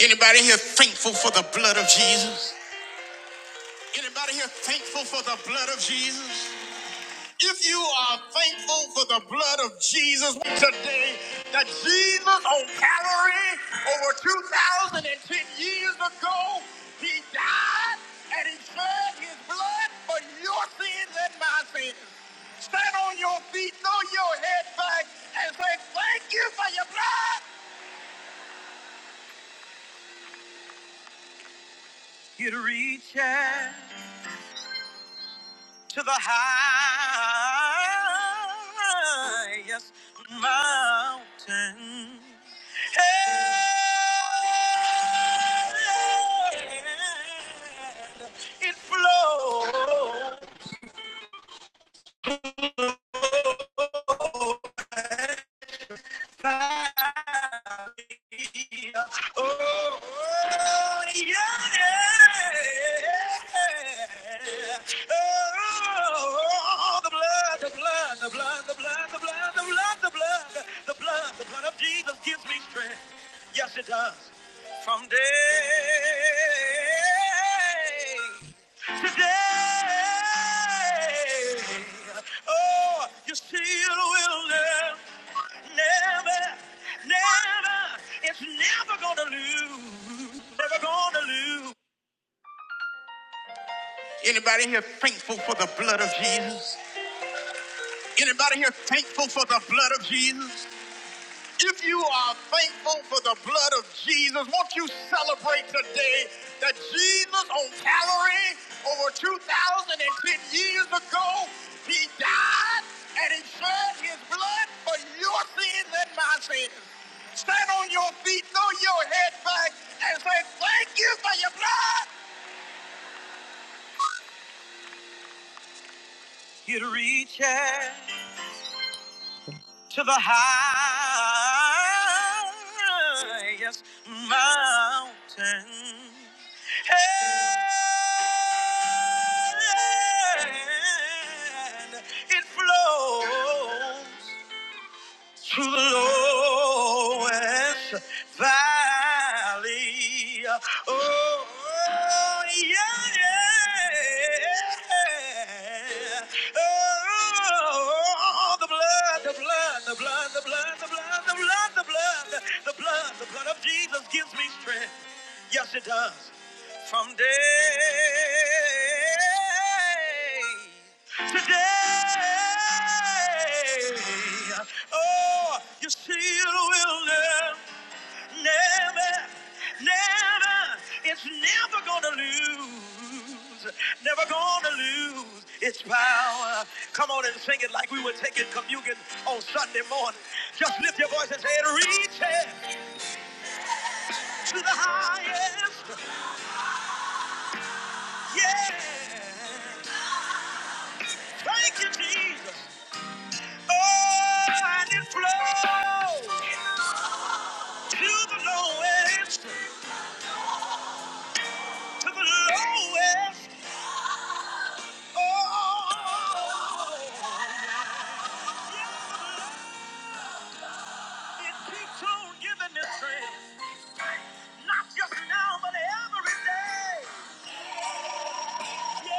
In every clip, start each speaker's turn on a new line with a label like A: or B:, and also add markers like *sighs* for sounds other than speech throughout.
A: Anybody here thankful for the blood of Jesus? Anybody here thankful for the blood of Jesus? If you are thankful for the blood of Jesus today, that Jesus on Calvary over 2,010 years ago, he died and he shed his blood for your sins and my sins. Stand on your feet, throw your head back, and say, Thank you for your blood. He shed the high. highest mountain. And it flows. Oh Oh, yeah! the the the the the the the the blood, blood, blood, blood, blood, the blood, the blood, the blood. of Jesus gives me strength. Yes, it does. From day Today, oh, you still will never, never, never. It's never gonna lose, never gonna lose. Anybody here thankful for the blood of Jesus? Anybody here thankful for the blood of Jesus? If you are thankful for the blood of Jesus, won't you celebrate today that Jesus on Calvary over 2,010 years ago, he died and he shed his blood for your sins and my sins. Stand on your feet, throw your head back, and say, thank you for your blood. It reaches. to the highest mountain. And it flows to the lowest valley. Oh, yeah, yeah. Oh, the blood, the blood, the blood, the blood, the blood, the blood, the blood, the blood, the blood of Jesus gives me strength. Yes, it does. From day to day. Hey! Oh, you still will never, never, never. It's never gonna lose, never gonna lose its power. Come on and sing it like we were taking communion on Sunday morning. Just lift your voice and say it, reach it to the highest. Yeah, thank you, Jesus. Oh, and it flows to the lowest. to the lowest. Oh, it keeps on giving this praise, not just now, but every day. Yeah.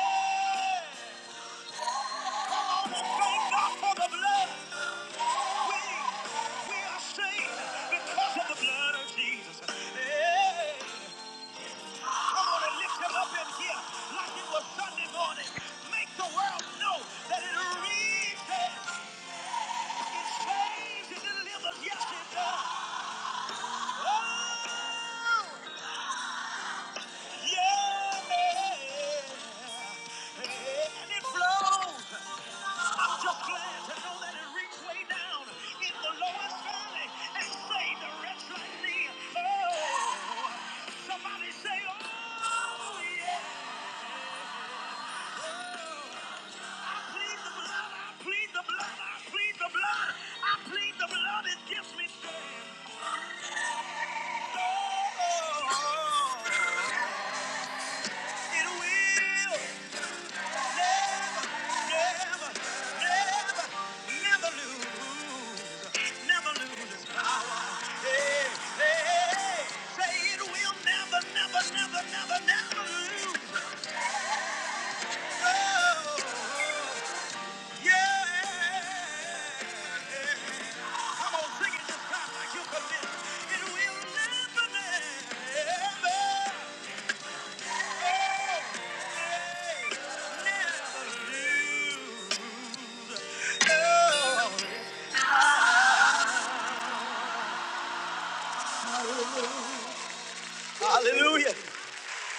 A: Thank God for the blood. We, we are saved because of the blood of Jesus. Yeah. Come on and lift him up in here like it was Sunday morning. Make the world know that it reaches, it It saves, it delivers. Yes, it does. Oh! It will. Come on, sing it this time like you commit. It will never, never. Hallelujah.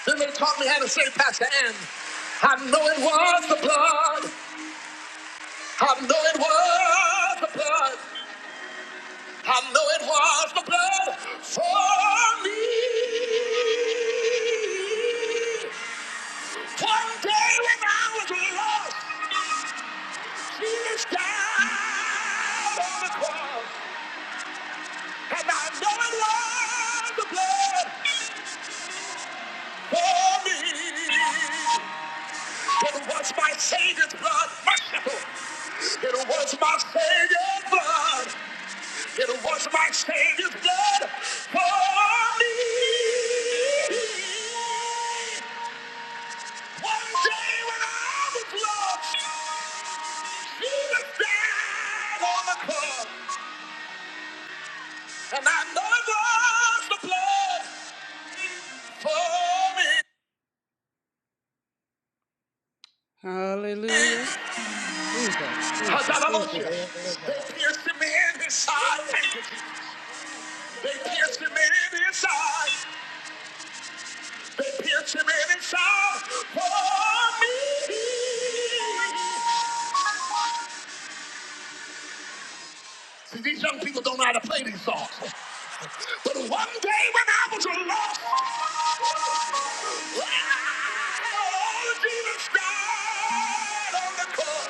A: Then they taught me how to say, Pastor Ann, I know it was the blood. I know it was the blood. I know it was the blood for me. One day when I was lost, Jesus died on the cross. And I know it was the blood for me. It was my Savior's blood, merciful. It was my Savior's blood. It was my Savior's blood for me. One day when I was lost, Jesus died on the cross. And I know it was the blood for me. He pierced him in His side. See, these young people don't know how to play these songs. But one day when I was lost, oh, Jesus died on the cross.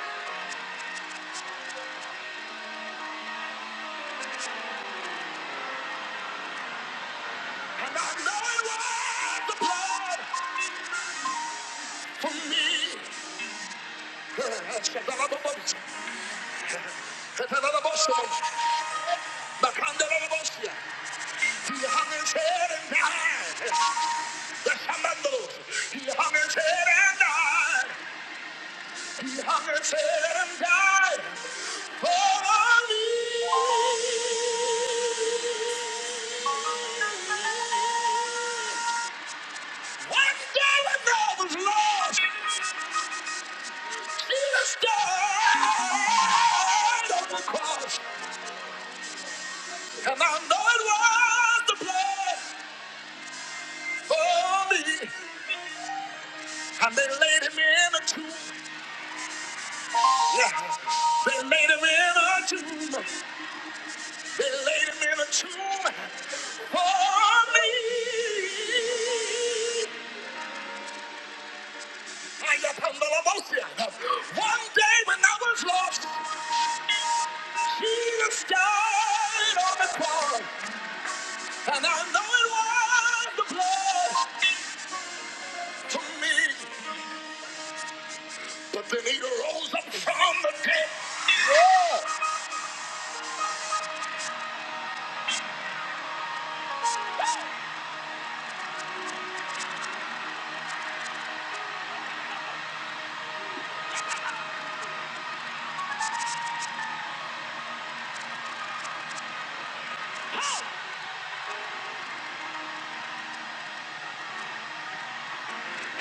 A: And I know it was the blood for me. He hung his head and died. The commando. He hung his head and died. He hung his head and died. For me. One day when I was lost, Jesus died the cross. And I know it was the blood for me. And they laid him in a tomb. Yeah. They laid him in a tomb. They laid him in a tomb for me. I left him the emotion. One day when I was lost, Jesus died on the cross. And I know it was the blood to me. But then he rose up from the dead. Yeah.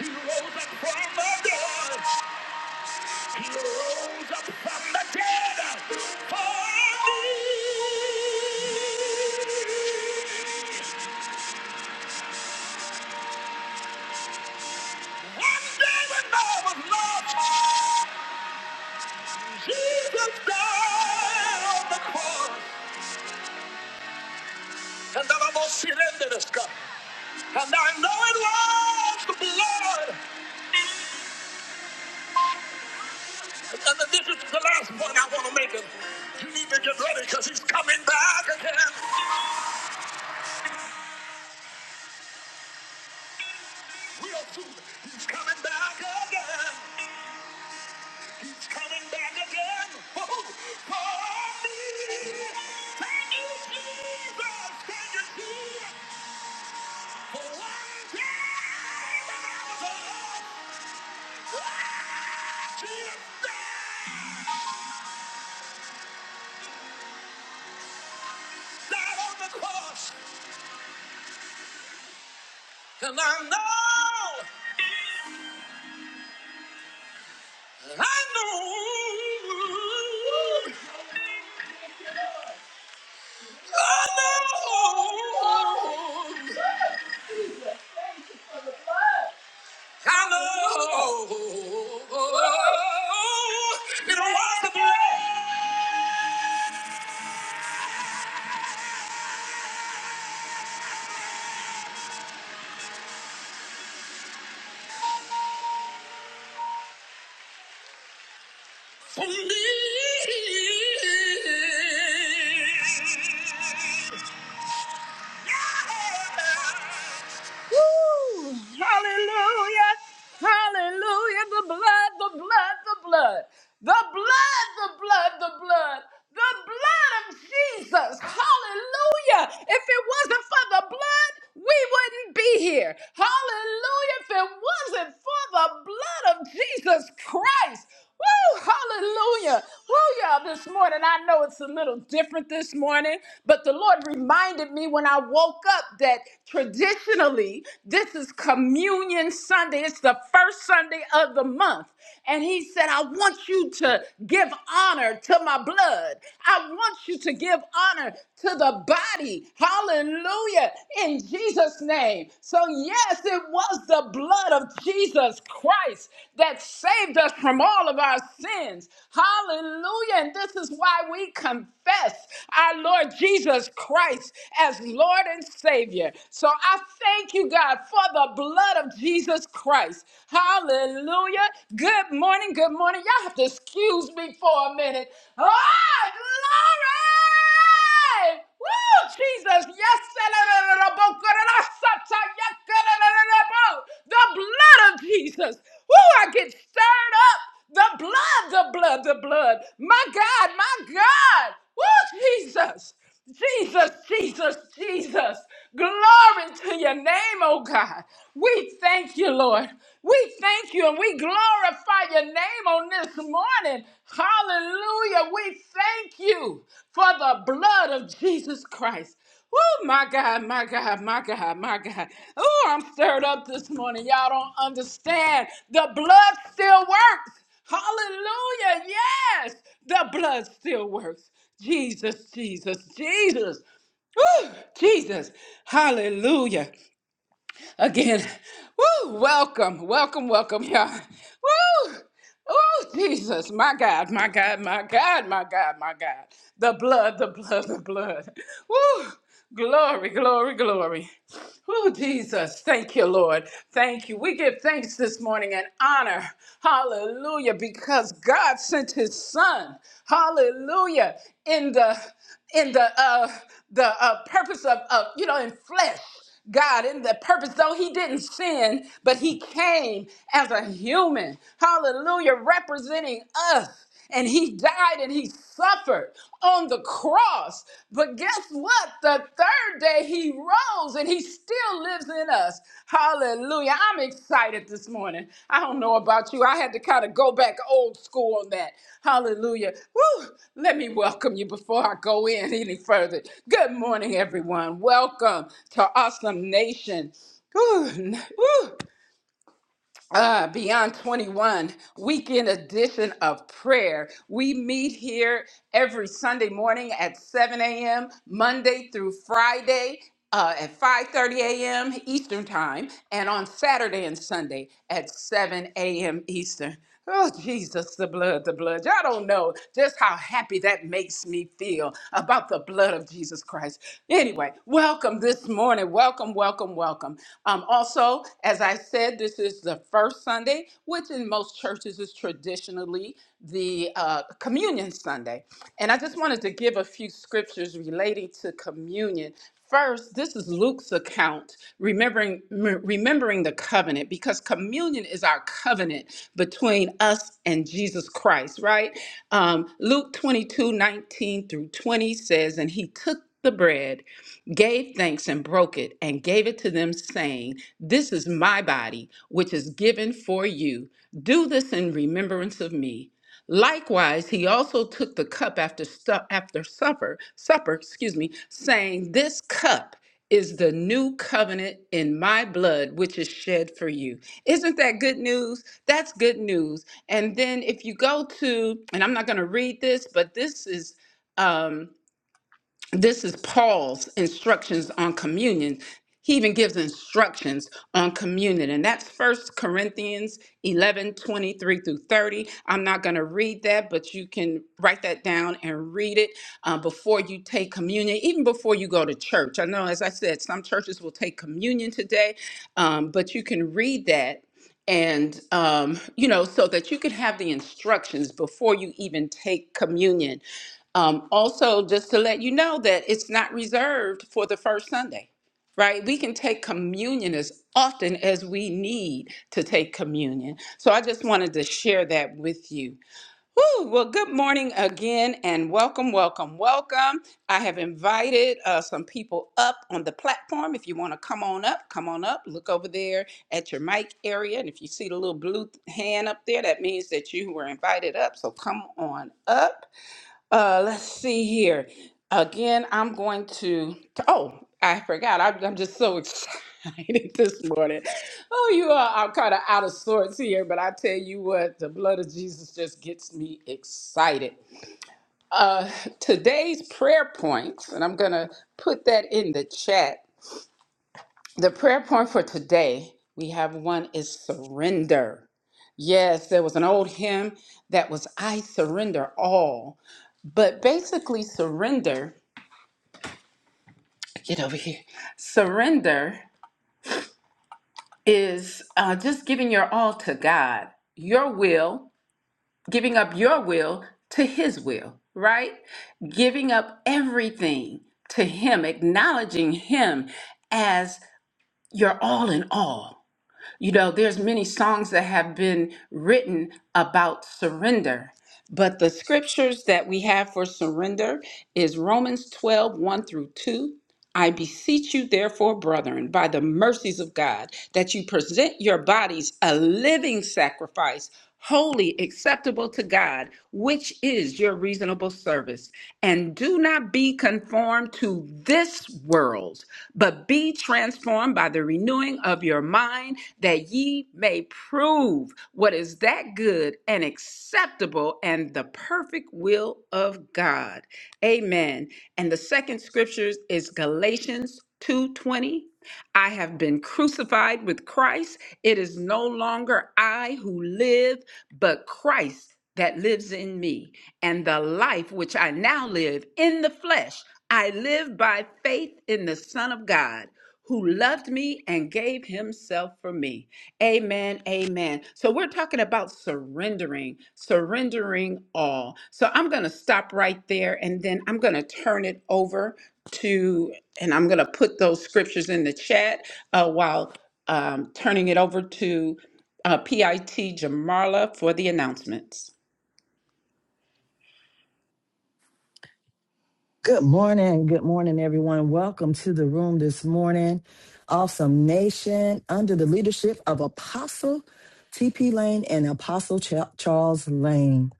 A: He rose up from the dead. He rose up from the dead for me. One day when I was lost, Jesus died on the cross. And then I'm going to sit in the sky. And I know it was the blood. And this is the last point I want to make. it. you need to get ready because he's coming back again. Real soon, he's coming back again. coming back again Woo! for me. Can you, Jesus. Can you see it? For one day when I was alone, ah, Jesus died on the cross. And I know, I know, I know. I Hello. It was the blood. For me, Hallelujah. Hallelujah. The blood, the blood, the blood. The blood, the blood, the blood. The blood of Jesus. Hallelujah. If it wasn't for the blood, we wouldn't be here. Hallelujah. If it wasn't for the blood of Jesus Christ. Woo, hallelujah. Woo, y'all, this morning. I know it's a little different this morning, but the Lord reminded me when I woke up that Traditionally, this is Communion Sunday. It's the first Sunday of the month. And he said, I want you to give honor to my blood. I want you to give honor to the body. Hallelujah. In Jesus' name. So, yes, it was the blood of Jesus Christ that saved us from all of our sins. Hallelujah. And this is why we confess confess our Lord Jesus Christ as Lord and Savior. So I thank you, God, for the blood of Jesus Christ. Hallelujah. Good morning. Good morning. Y'all have to excuse me for a minute. Oh, glory! Woo, Jesus. Yes, the blood of Jesus. Woo, I get stirred up. The blood, the blood, the blood. My God, my God. Woo, Jesus. Jesus, Jesus, Jesus. Glory to your name, oh God. We thank you, Lord. We thank you and we glorify your name on this morning. Hallelujah. We thank you for the blood of Jesus Christ. Oh my God, my God, my God, my God. Oh, I'm stirred up this morning. Y'all don't understand. The blood still works. Hallelujah. Yes. The blood still works. Jesus, Jesus, Jesus. Woo! Jesus. Hallelujah again. Woo! Welcome, welcome, welcome, y'all. Woo! Oh, Jesus, my God, my God, my God, my God, my God. The blood, the blood, the blood. Woo! Glory, glory, glory. Oh, Jesus. Thank you, Lord. Thank you. We give thanks this morning and honor. Hallelujah. Because God sent his son. Hallelujah. In the in the uh the uh purpose of, of you know in flesh. God, in the purpose, though he didn't sin, but he came as a human, hallelujah, representing us. And he died and he suffered on the cross. But guess what? The third day he rose and he still lives in us us. Hallelujah. I'm excited this morning. I don't know about you. I had to kind of go back old school on that. Hallelujah. Woo! Let me welcome you before I go in any further. Good morning, everyone. Welcome to Awesome Nation. Woo, n- woo uh, Beyond 21 weekend edition of prayer. We meet here every Sunday morning at 7 a.m., Monday through Friday. Uh, at 5.30 a.m eastern time and on saturday and sunday at 7 a.m eastern Oh, Jesus, the blood, the blood. Y'all don't know just how happy that makes me feel about the blood of Jesus Christ. Anyway, welcome this morning. Welcome, welcome, welcome. Um, also, as I said, this is the first Sunday, which in most churches is traditionally the uh, Communion Sunday. And I just wanted to give a few scriptures relating to communion First, this is Luke's account, remembering m- remembering the covenant because communion is our covenant between us and Jesus Christ, right? Um, Luke 22 19 through 20 says, and he took the bread, gave thanks and broke it, and gave it to them, saying, This is my body, which is given for you. Do this in remembrance of me. Likewise, he also took the cup after stu- after supper, supper, excuse me, saying, "This cup is the new covenant in my blood, which is shed for you." Isn't that good news? That's good news. And then if you go to, and I'm not going to read this, but this is. um, this is Paul's instructions on communion. He even gives instructions on communion, and that's First Corinthians 11 23 through 30. I'm not going to read that, but you can write that down and read it uh, before you take communion, even before you go to church. I know, as I said, some churches will take communion today, um, but you can read that and um, you know so that you can have the instructions before you even take communion um, also just to let you know that it's not reserved for the first sunday right we can take communion as often as we need to take communion so i just wanted to share that with you Whew, well, good morning again and welcome, welcome, welcome. I have invited uh, some people up on the platform. If you want to come on up, come on up. Look over there at your mic area. And if you see the little blue hand up there, that means that you were invited up. So come on up. Uh, let's see here. Again, I'm going to. Oh, I forgot. I'm, I'm just so *laughs* excited this morning. Oh, you are. I'm kind of out of sorts here, but I tell you what, the blood of Jesus just gets me excited. Uh, today's prayer points, and I'm going to put that in the chat. The prayer point for today, we have one is surrender. Yes, there was an old hymn that was I surrender all. But basically, surrender get over here. Surrender is uh, just giving your all to God, your will, giving up your will to His will, right? Giving up everything to Him, acknowledging Him as your all in all. You know, there's many songs that have been written about surrender, but the scriptures that we have for surrender is Romans twelve one through 2, I beseech you, therefore, brethren, by the mercies of God, that you present your bodies a living sacrifice, holy, acceptable to God, which is your reasonable service. And do not be conformed to this world, but be transformed by the renewing of your mind, that ye may prove what is that good and acceptable and the perfect will of God. Amen. And the second scriptures is Galatians 2:20. I have been crucified with Christ. It is no longer I who live, but Christ that lives in me. And the life which I now live in the flesh, I live by faith in the Son of God who loved me and gave himself for me. Amen and amen. So we're talking about surrendering, surrendering all. So I'm going to stop right there and then I'm going to turn it over to, and I'm going to put those scriptures in the chat uh, while um, turning it over to uh, PIT Jamarla for the announcements.
B: Good morning. Good morning, everyone. Welcome to the room this morning. Awesome Nation, under the leadership of Apostle T.P. Lane and Apostle Ch- Charles Lane.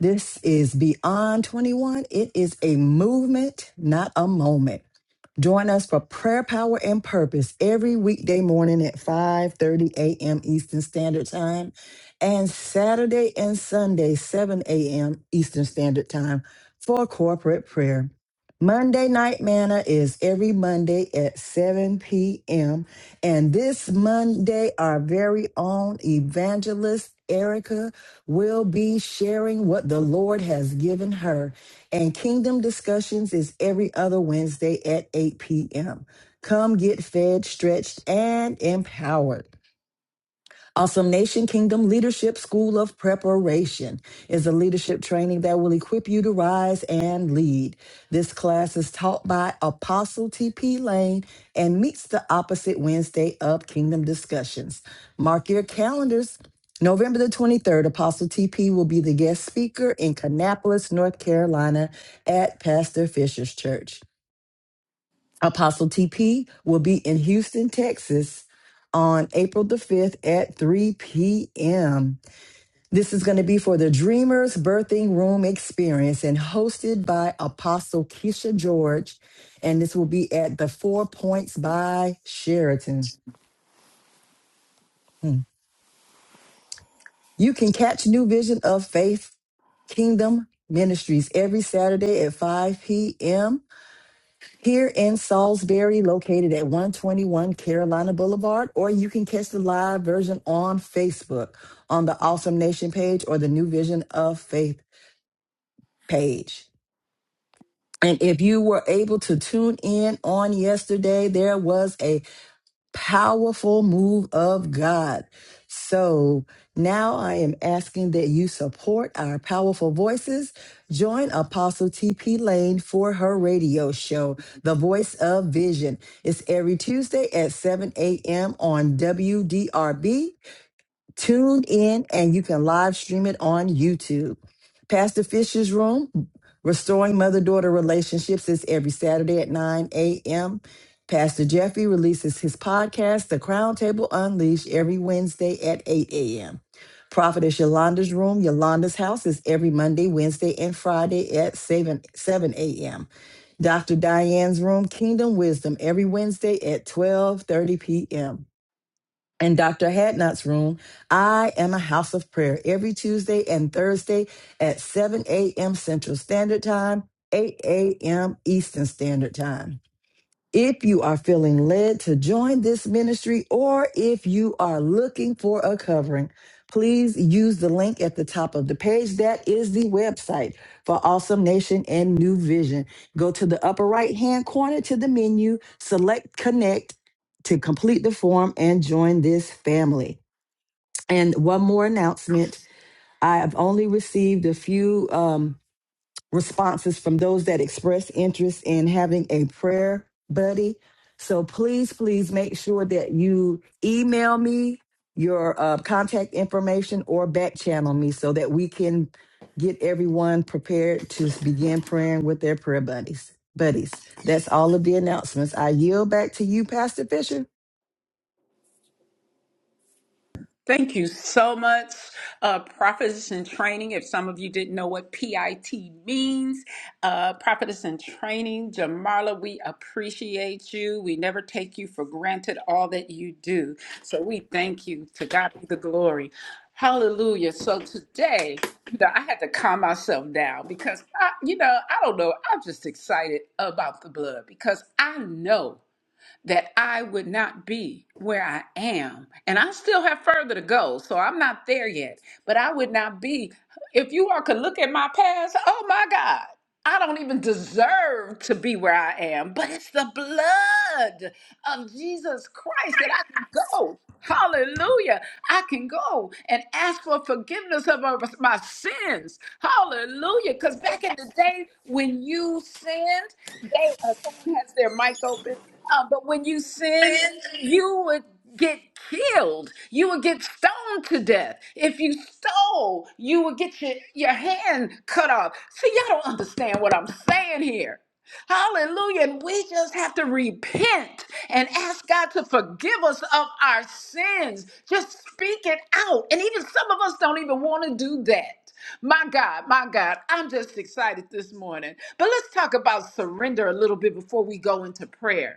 B: This is Beyond 21. It is a movement, not a moment. Join us for prayer, power, and purpose every weekday morning at 5:30 a.m. Eastern Standard Time and Saturday and Sunday 7 a.m. Eastern Standard Time for corporate prayer. Monday Night Manna is every Monday at 7 p.m. And this Monday, our very own evangelist Erica will be sharing what the Lord has given her. And Kingdom Discussions is every other Wednesday at 8 p.m. Come get fed, stretched, and empowered. Awesome Nation Kingdom Leadership School of Preparation is a leadership training that will equip you to rise and lead. This class is taught by Apostle T.P. Lane and meets the opposite Wednesday of Kingdom Discussions. Mark your calendars. November the 23rd, Apostle TP will be the guest speaker in Kannapolis, North Carolina at Pastor Fisher's Church. Apostle TP will be in Houston, Texas on April the 5th at 3 p.m. This is going to be for the Dreamers Birthing Room Experience and hosted by Apostle Keisha George. And this will be at the Four Points by Sheraton. Hmm. You can catch New Vision of Faith Kingdom Ministries every Saturday at 5 p.m. here in Salisbury, located at 121 Carolina Boulevard, or you can catch the live version on Facebook on the Awesome Nation page or the New Vision of Faith page. And if you were able to tune in on yesterday, there was a powerful move of God. So now I am asking that you support our powerful voices. Join Apostle TP Lane for her radio show, The Voice of Vision. It's every Tuesday at 7 a.m. on WDRB Tune in and you can live stream it on YouTube. Pastor Fisher's Room, Restoring Mother Daughter Relationships, is every Saturday at 9 a.m. Pastor Jeffrey releases his podcast, The Crown Table Unleashed, every Wednesday at 8 a.m. Prophetess Yolanda's Room, Yolanda's House, is every Monday, Wednesday, and Friday at 7, 7 a.m. Dr. Diane's Room, Kingdom Wisdom, every Wednesday at 12:30 p.m in Dr. Hadnot's room, I am a house of prayer every Tuesday and Thursday at 7 a.m. Central Standard Time, 8 a.m. Eastern Standard Time. If you are feeling led to join this ministry or if you are looking for a covering, please use the link at the top of the page. That is the website for Awesome Nation and New Vision. Go to the upper right hand corner to the menu, select connect to complete the form and join this family. And one more announcement. I have only received a few. Um, responses from those that express interest in having a prayer buddy. So please, please make sure that you email me your uh, contact information or back channel me so that we can get everyone prepared to begin praying with their prayer buddies. Buddies, that's all of the announcements. I yield back to you, Pastor Fisher.
A: Thank you so much. Uh, Prophetess in Training, if some of you didn't know what PIT means, uh, Prophetess in Training, Jamarla, we appreciate you. We never take you for granted all that you do. So we thank you. To God be the glory. Hallelujah. So today, you know, I had to calm myself down because, I, you know, I don't know. I'm just excited about the blood because I know that I would not be where I am. And I still have further to go, so I'm not there yet. But I would not be, if you all could look at my past, oh my God, I don't even deserve to be where I am. But it's the blood of Jesus Christ that I can go. Hallelujah. I can go and ask for forgiveness of of my sins. Hallelujah. Because back in the day when you sinned, they uh, someone has their mic open. Uh, but when you sinned, you would get killed. You would get stoned to death. If you stole, you would get your, your hand cut off. See, y'all don't understand what I'm saying here. Hallelujah. And we just have to repent and ask God to forgive us of our sins. Just speak it out. And even some of us don't even want to do that. My God, my God, I'm just excited this morning. But let's talk about surrender a little bit before we go into prayer.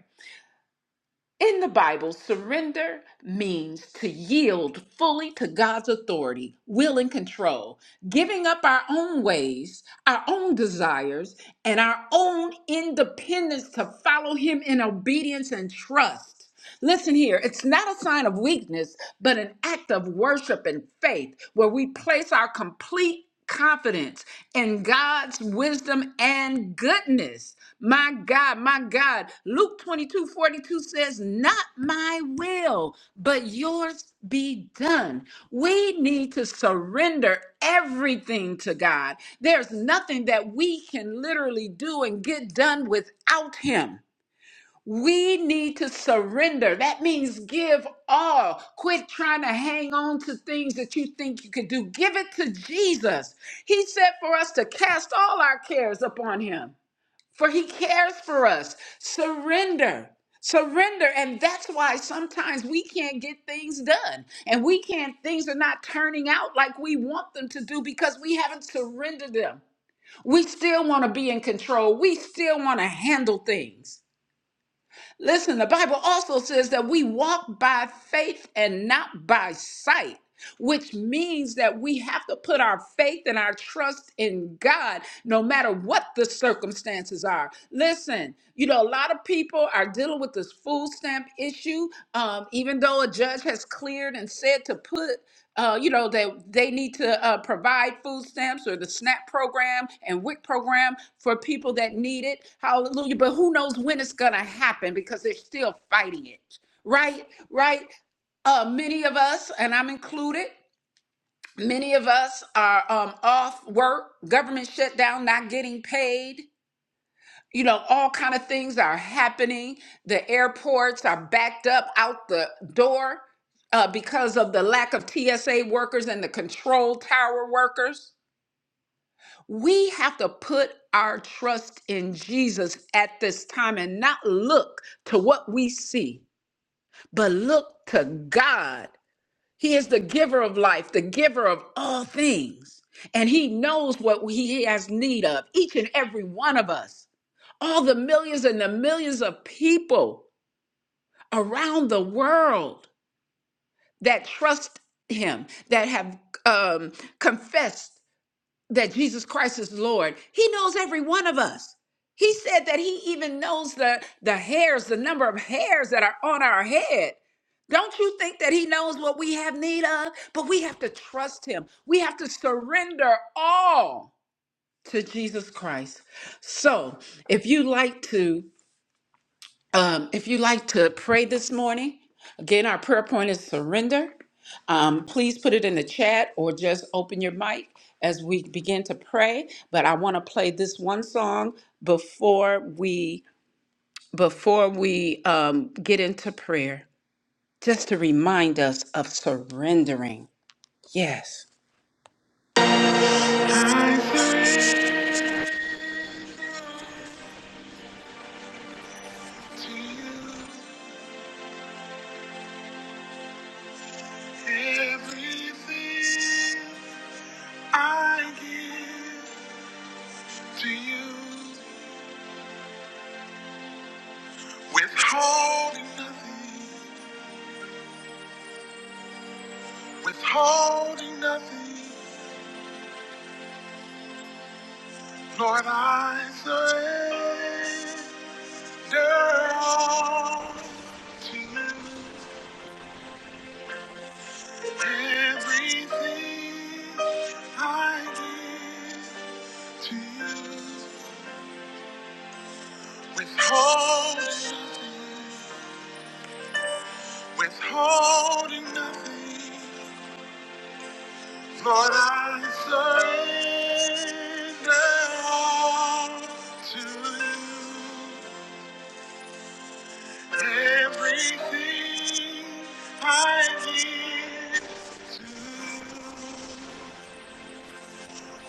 A: In the Bible, surrender means to yield fully to God's authority, will, and control, giving up our own ways, our own desires, and our own independence to follow Him in obedience and trust. Listen here, it's not a sign of weakness, but an act of worship and faith where we place our complete confidence in God's wisdom and goodness. My God, my God. Luke 22 42 says, Not my will, but yours be done. We need to surrender everything to God. There's nothing that we can literally do and get done without Him. We need to surrender. That means give all. Quit trying to hang on to things that you think you can do. Give it to Jesus. He said for us to cast all our cares upon him, for he cares for us. Surrender. Surrender. And that's why sometimes we can't get things done. And we can't, things are not turning out like we want them to do because we haven't surrendered them. We still want to be in control. We still want to handle things. Listen, the Bible also says that we walk by faith and not by sight. Which means that we have to put our faith and our trust in God no matter what the circumstances are. Listen, you know, a lot of people are dealing with this food stamp issue you, um, even though a judge has cleared and said to put, uh, you know, that they need to uh, provide food stamps or the SNAP program and WIC program for people that need it. Hallelujah. But who knows when it's going to happen because they're still fighting it. Right? Right? Uh, many of us, and I'm included, many of us are um, off work, government shutdown, not getting paid you know all kind of things are happening the airports are backed up out the door uh, because of the lack of tsa workers and the control tower workers we have to put our trust in jesus at this time and not look to what we see but look to god he is the giver of life the giver of all things and he knows what he has need of each and every one of us all the millions and the millions of people around the world that trust him, that have um, confessed that Jesus Christ is Lord. He knows every one of us. He said that he even knows the, the hairs, the number of hairs that are on our head. Don't you think that he knows what we have need of? But we have to trust him. We have to surrender all to Jesus Christ. So, if you like to Um, if you'd like to pray this morning, again, our prayer point is surrender. Um, please put it in the chat or just open your mic as we begin to pray. But I want to play this one song before we before we um, get into prayer, just to remind us of surrendering. Yes. Everything I give to you, withholding nothing, withholding nothing. Lord, I surrender all to you. Everything I give to you. Withholding nothing, withholding nothing. Lord, I surrender all to you. Everything I give to you.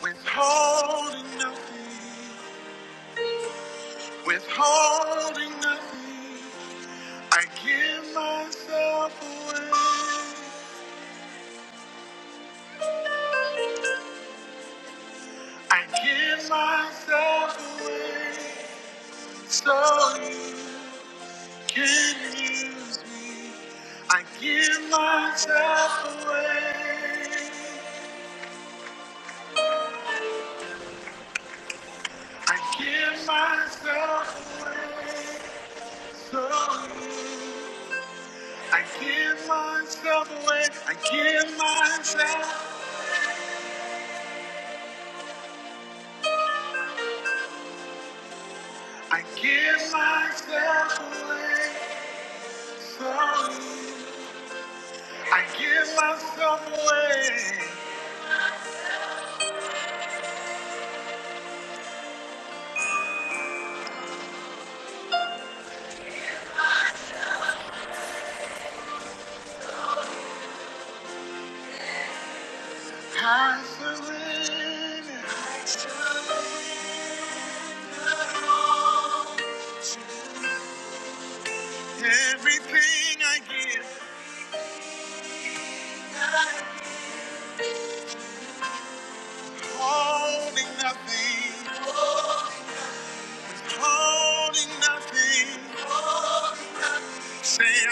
A: Withholding nothing, withholding nothing, I give myself away. I give myself away. So use me.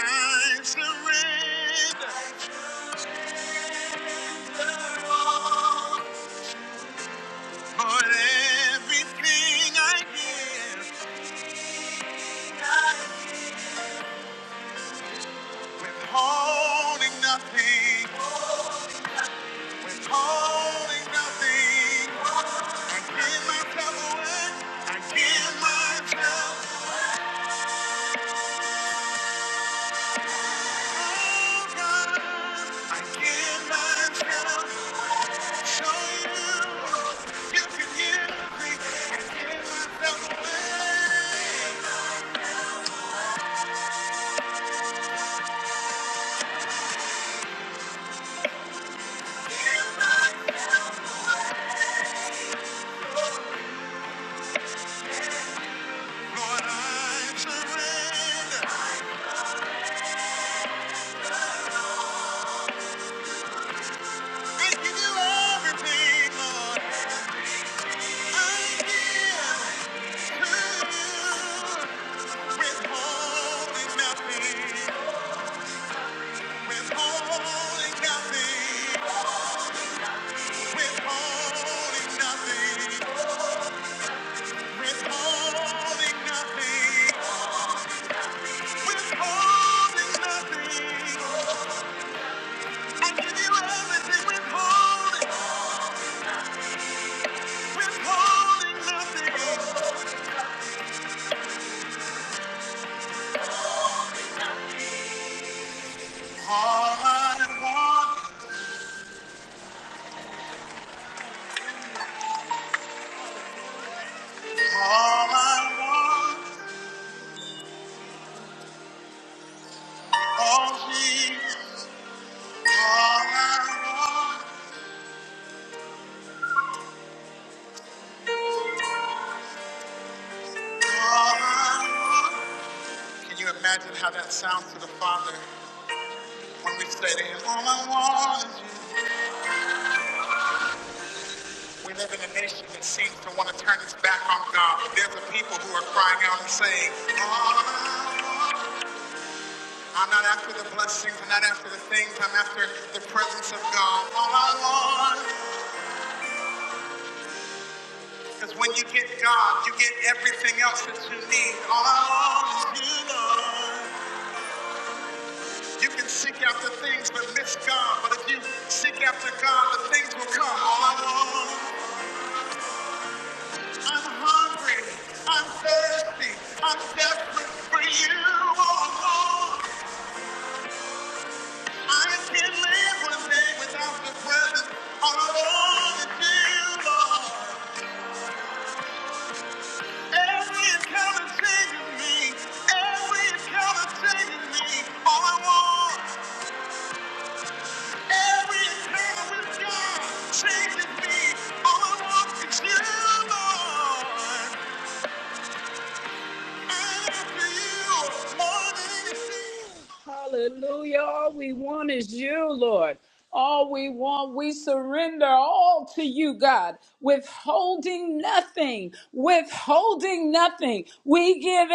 A: I surrender all. for everything I give. Withholding nothing, withholding nothing. Withholding nothing, withholding nothing. Withholding nothing. Withholding nothing. you All I want, all He, Can you imagine how that sounds to the Father when we say to Him, All I want is you. We live in a nation that seems to want to turn its back on God. There's a people who are crying out and saying, "All I want I'm not after the blessings. I'm not after the things. I'm after the presence of God. All I want is when you get God, you get everything else that you need. All I want is you, Lord. You can seek after things but miss God. But if you seek after God, the things will come. All I want. I'm hungry. I'm thirsty. I'm desperate for you, oh Lord. I can't live one day without the presence. All I want is you, Lord. Every encounter changes me. Every encounter changes me. All I want, every encounter with God changes me. All I want is you, Lord. i Hallelujah. All we want is you, Lord. All we want, we surrender all to you, God, withholding nothing, withholding nothing. We give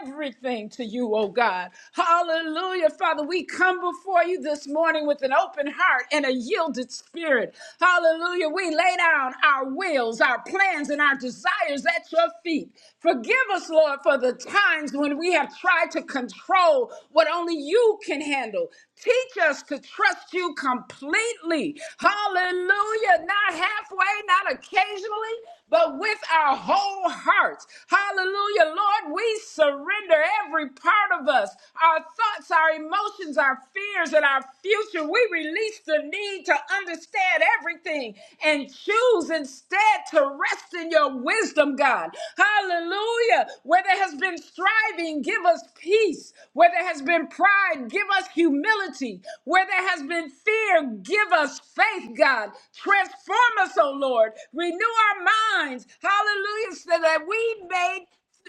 A: everything to you, oh God. Hallelujah. Father, we come before you this morning with an open heart and a yielded spirit. Hallelujah. We lay down our wills, our plans, and our desires at your feet. Forgive us, Lord, for the times when we have tried to control handle what only you can handle. Teach us to trust you completely. Hallelujah. Not halfway, not occasionally, but with our whole hearts. Hallelujah. Lord, we surrender every part of us our thoughts, our emotions, our fears, and our future. We release the need to understand everything and choose instead to rest in your wisdom, God. Hallelujah. Where there has been striving, give us peace peace. Where there has been pride, give us humility. Where there has been fear, give us faith, God. Transform us, O Lord. Renew our minds. Hallelujah. So that we may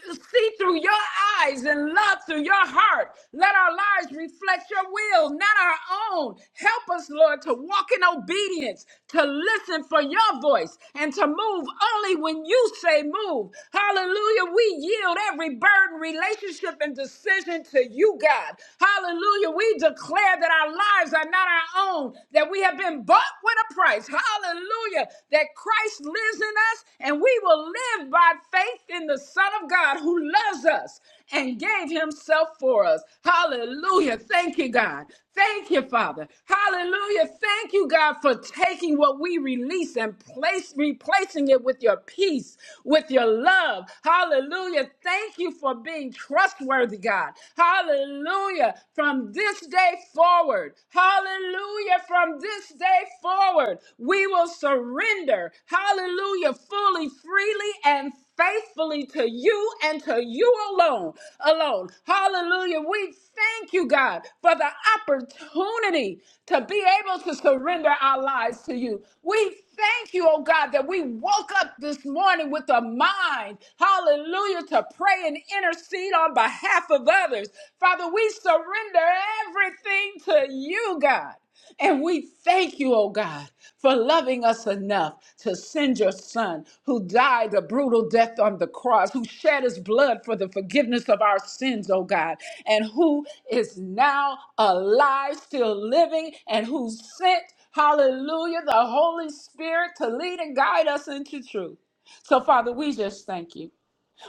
A: see through your eyes and love through your heart. Let our lives reflect your will, not our own. Help us, Lord, to walk in obedience, to listen for your voice, and to move only when you say move. Hallelujah. We yield every burden, relationship leadership and decision to you, God. Hallelujah. We declare that our lives are not our own, that we have been bought with a price. Hallelujah. That Christ lives in us and we will live by faith in the Son of God who loves us and gave himself for us. Hallelujah. Thank you, God. Thank you, Father. Hallelujah. Thank you, God, for taking what we release and place replacing it with your peace, with your love. Hallelujah. Thank you for being trustworthy, God. Hallelujah. From this day forward, hallelujah. From this day forward, we will surrender, hallelujah, fully, freely, and faithfully to you and to you alone alone hallelujah we thank you god for the opportunity to be able to surrender our lives to you we thank you, oh God, that we woke up this morning with a mind, hallelujah, to pray and intercede on behalf of others. Father, we surrender everything to you, God. And we thank you, oh God, for loving us enough to send your son who died a brutal death on the cross, who shed his blood for the forgiveness of our sins, oh God, and who is now alive, still living, and who sent Hallelujah, the Holy Spirit to lead and guide us into truth. So, Father, we just thank you.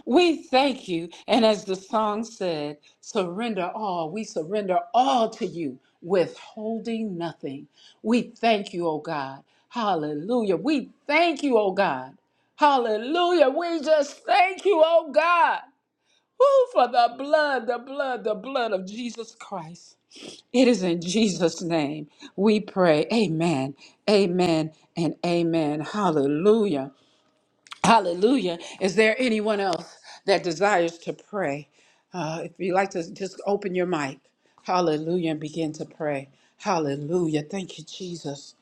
A: We thank you. And as the song said, surrender all. We surrender all to you, withholding nothing. We thank you, oh God. Hallelujah. We thank you, oh God. Hallelujah. We just thank you, oh God. Woo, for the blood, the blood, the blood of Jesus Christ. It is in Jesus' name we pray. Amen. Amen and amen. Hallelujah. Hallelujah. Is there anyone else that desires to pray? Uh, if you'd like to just open your mic. Hallelujah and begin to pray. Hallelujah. Thank you, Jesus.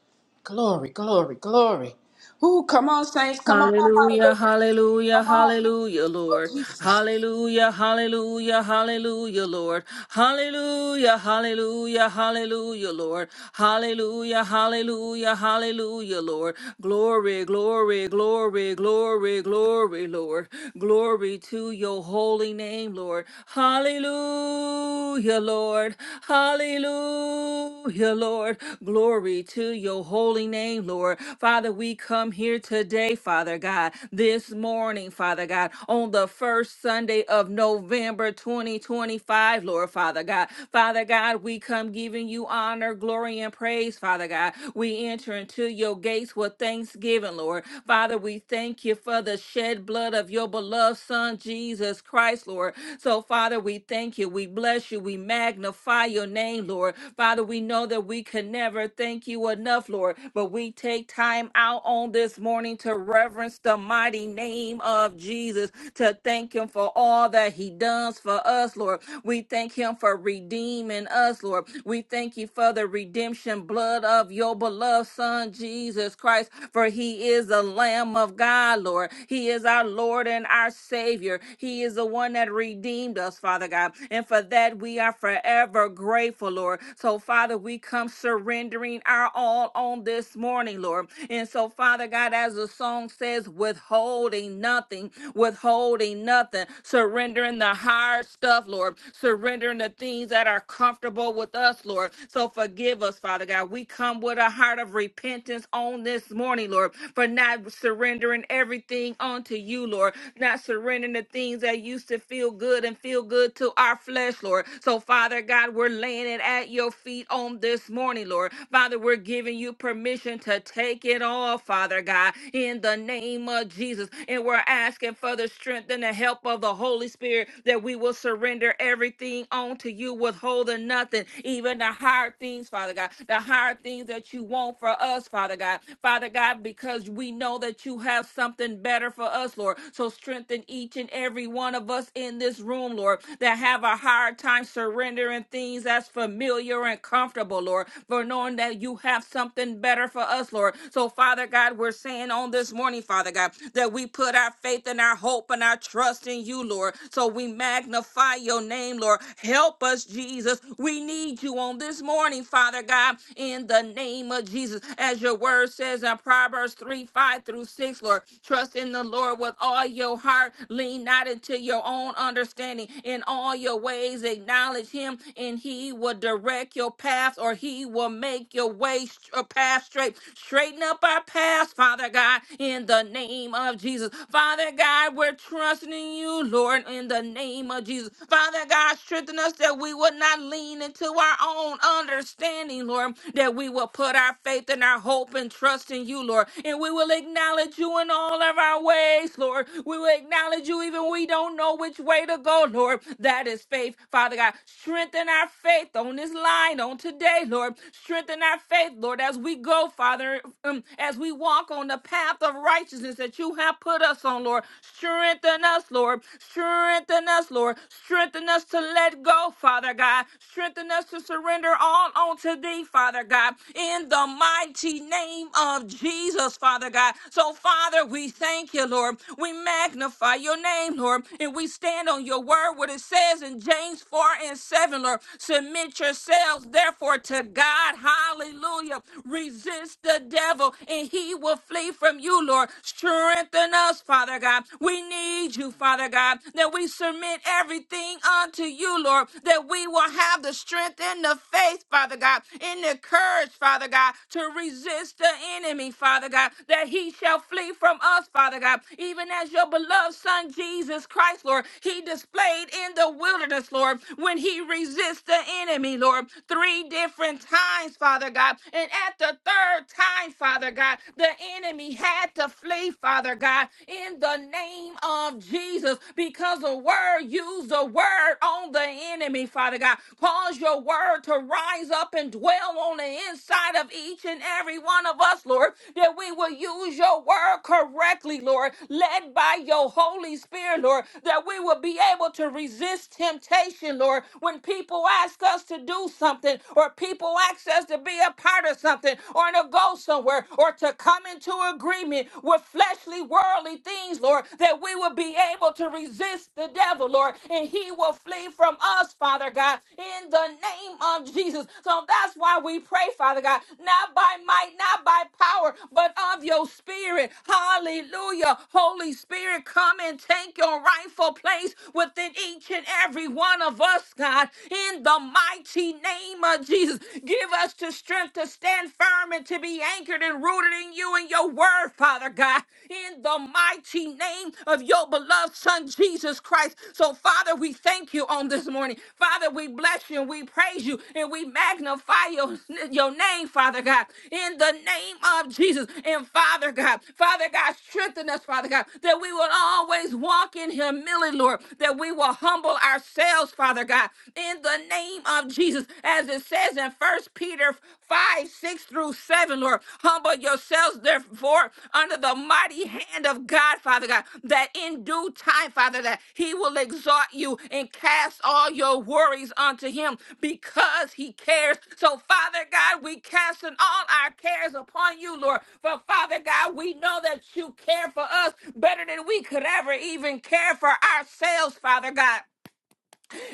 A: Glory, glory, glory. Ooh, come on, saints. Come on, my
C: Hallelujah,
A: moderators.
C: hallelujah,
A: Come on.
C: hallelujah, Lord.
A: Ooh, Jesus.
C: Hallelujah, hallelujah, hallelujah, Lord. Hallelujah, hallelujah, hallelujah, Lord. Hallelujah, hallelujah, hallelujah, Lord. Glory, glory, glory, glory, glory, Lord. Glory to your holy name, Lord. Hallelujah, Lord. Hallelujah, Lord. Glory to your holy name, Lord. Father, we come here today, Father God, this morning, Father God, on the first Sunday of November 2025, Lord, Father God. Father God, we come giving you honor, glory, and praise, Father God. We enter into your gates with thanksgiving, Lord. Father, we thank you for the shed blood of your beloved Son, Jesus Christ, Lord. So, Father, we thank you. We bless you. We magnify your name, Lord. Father, we know that we can never thank you enough, Lord, but we take time out on this morning to reverence the mighty name of Jesus, to thank him for all that he does for us, Lord. We thank him for redeeming us, Lord. We thank you for the redemption blood of your beloved Son, Jesus Christ, for he is the Lamb of God, Lord. He is our Lord and our Savior. He is the one that redeemed us, Father God. And for that, we are forever grateful, Lord. So, Father, we come surrendering our all on this morning, Lord. And so, Father God, as the song says, withholding nothing, withholding nothing, surrendering the hard stuff, Lord, surrendering the things that are comfortable comfortable with us, Lord. So forgive us, Father God. We come with a heart of repentance on this morning, Lord, for not surrendering everything onto you, Lord, not surrendering the things that used to feel good and feel good to our flesh, Lord. So, Father God, we're laying it at your feet on this morning, Lord. Father, we're giving you permission to take it all, Father God, in the name of Jesus. And we're asking for the strength and the help of the Holy Spirit that we will surrender everything everything onto you, withholding nothing, even the higher things, Father God, the higher things that you want for us, Father God. Father God, because we know that you have something better for us, Lord. So strengthen each and every one of us in this room, Lord, that have a hard time surrendering things that's familiar and comfortable, Lord, for knowing that you have something better for us, Lord. So, Father God, we're saying on this morning, Father God, that we put our faith and our hope and our trust in you, Lord. So we we magnify your name, Lord. Help us, Jesus. We need you on this morning, Father God, in the name of Jesus. As your word says in Proverbs 3 5 through 6, Lord, trust in the Lord with all your heart. Lean not into your own understanding. In all your ways, acknowledge him, and he will direct your path or he will make your way st- uh, path straight. Straighten up our paths, Father God, in the name of Jesus. Father God, we're trusting in you, Lord, in the name of Jesus. Father God, strengthen us that we would not lean into our own understanding, Lord, that we will put our faith and our hope and trust in you, Lord, and we will acknowledge you in all of our ways, Lord. We will acknowledge you even when we don't know which way to go, Lord. That is faith, Father God. Strengthen our faith on this line on today, Lord. Strengthen our faith, Lord, as we go, Father, um, as we walk on the path of righteousness that you have not put us on, Lord. Strengthen us, Lord. Strengthen us, Lord. Strengthen us to let go, Father God. Strengthen us to surrender all unto thee, Father God, in the mighty name of Jesus, Father God. So, Father, we thank you, Lord. We magnify your name, Lord, and we stand on your word, what it says in James 4 and 7, Lord. Submit yourselves, therefore, to God. Hallelujah. Resist the devil, and he will flee flee from you, Lord. Strengthen us, Father God. We need you, Father God, that we submit everything unto you, Lord, that we will have the strength and the faith, Father God, and the courage, Father God, to resist the enemy, Father God, that he shall flee from us, Father God, even as your beloved Son Jesus Christ, Lord, he displayed in the wilderness, Lord, when he resists the enemy, Lord, three different times, Father God. And at the third time, Father God, the enemy had to flee, Father God, in the name of Jesus, because the word used the word on the enemy, Father God. Cause your word to rise up and dwell on the inside of each and every one of us, Lord, that we will use your word correctly, Lord, led by your Holy Spirit, Lord, that we will be able to resist temptation, Lord, when people ask us to do something or people ask us to be be a part of something or to go somewhere or to come into agreement with fleshly, worldly things, Lord, that we will be able to resist the devil, Lord, and he will flee from us, Father God, in the name of Jesus. So that's why we pray, Father God, not by might, not by power, but of your spirit. Hallelujah. Holy Spirit, come and take your rightful place within each and every one of us, God, in the mighty name name of Jesus. Give us the strength to stand firm and to be anchored and rooted in you and your word, Father God, in the mighty name of your beloved Son, Jesus Christ. So, Father, we thank you on this morning. Father, we bless you and we praise you and we magnify your, your name, Father God, in the name of Jesus. And, Father God, Father God, strengthen us, Father God, that we will always walk in humility, Lord, that we will humble ourselves, Father God, in the name of Jesus. As it says in First Peter 5, 6 through 7, Lord, humble yourselves therefore under the mighty hand of God, Father God, that in due time, Father, that he will exalt you and cast all your worries unto him because he cares. So, Father God, we cast in all our cares upon you, Lord. For Father God, we know that you care for us better than we could ever even care for ourselves, Father God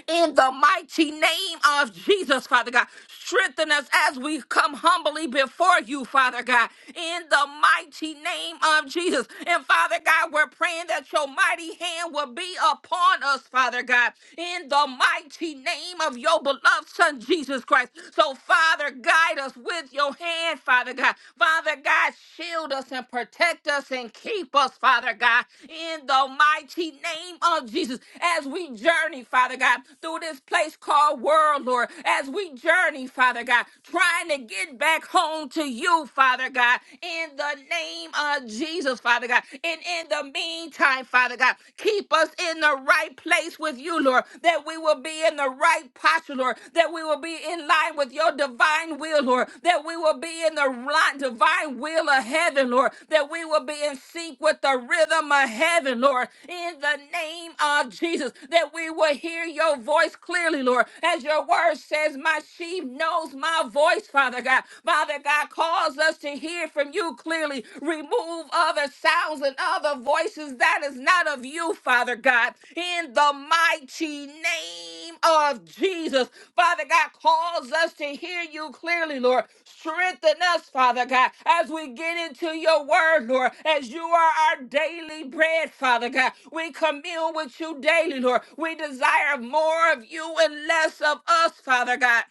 C: in the mighty name of Jesus, Father God. Strengthen us as we come humbly before you, Father God, in the mighty name of Jesus. And Father God, we're praying that your mighty hand will be upon us, Father God, in the mighty name of your beloved Son, Jesus Christ. So, Father, guide us with your hand, Father God. Father God, shield us and and protect us and keep us, Father God, in the mighty name of Jesus. As we journey, Father God, through this place called world, Lord, as we journey, Father God, trying to get back home to you, Father God, in the name of Jesus, Father God. And in the meantime, Father God, keep us in the right place with you, Lord, that we will be in the right posture posture, Lord, that we will be in line with your divine will, Lord, that we will be in the right divine will of heaven, Lord, that we will be in sync with the rhythm of heaven, Lord, in the name of Jesus, that we will hear your voice clearly, Lord, as your word says, My sheep knows my voice, Father God. Father God, cause us to hear from you clearly. Remove other sounds thousand other voices that is not of you, Father God, in the mighty name of Jesus. Father God, cause us to hear you clearly, Lord. Strengthen us, Father God, as we get into your word, Lord, as you are our daily bread, Father God. We commune with you daily, Lord. We desire more of you and less of us, Father God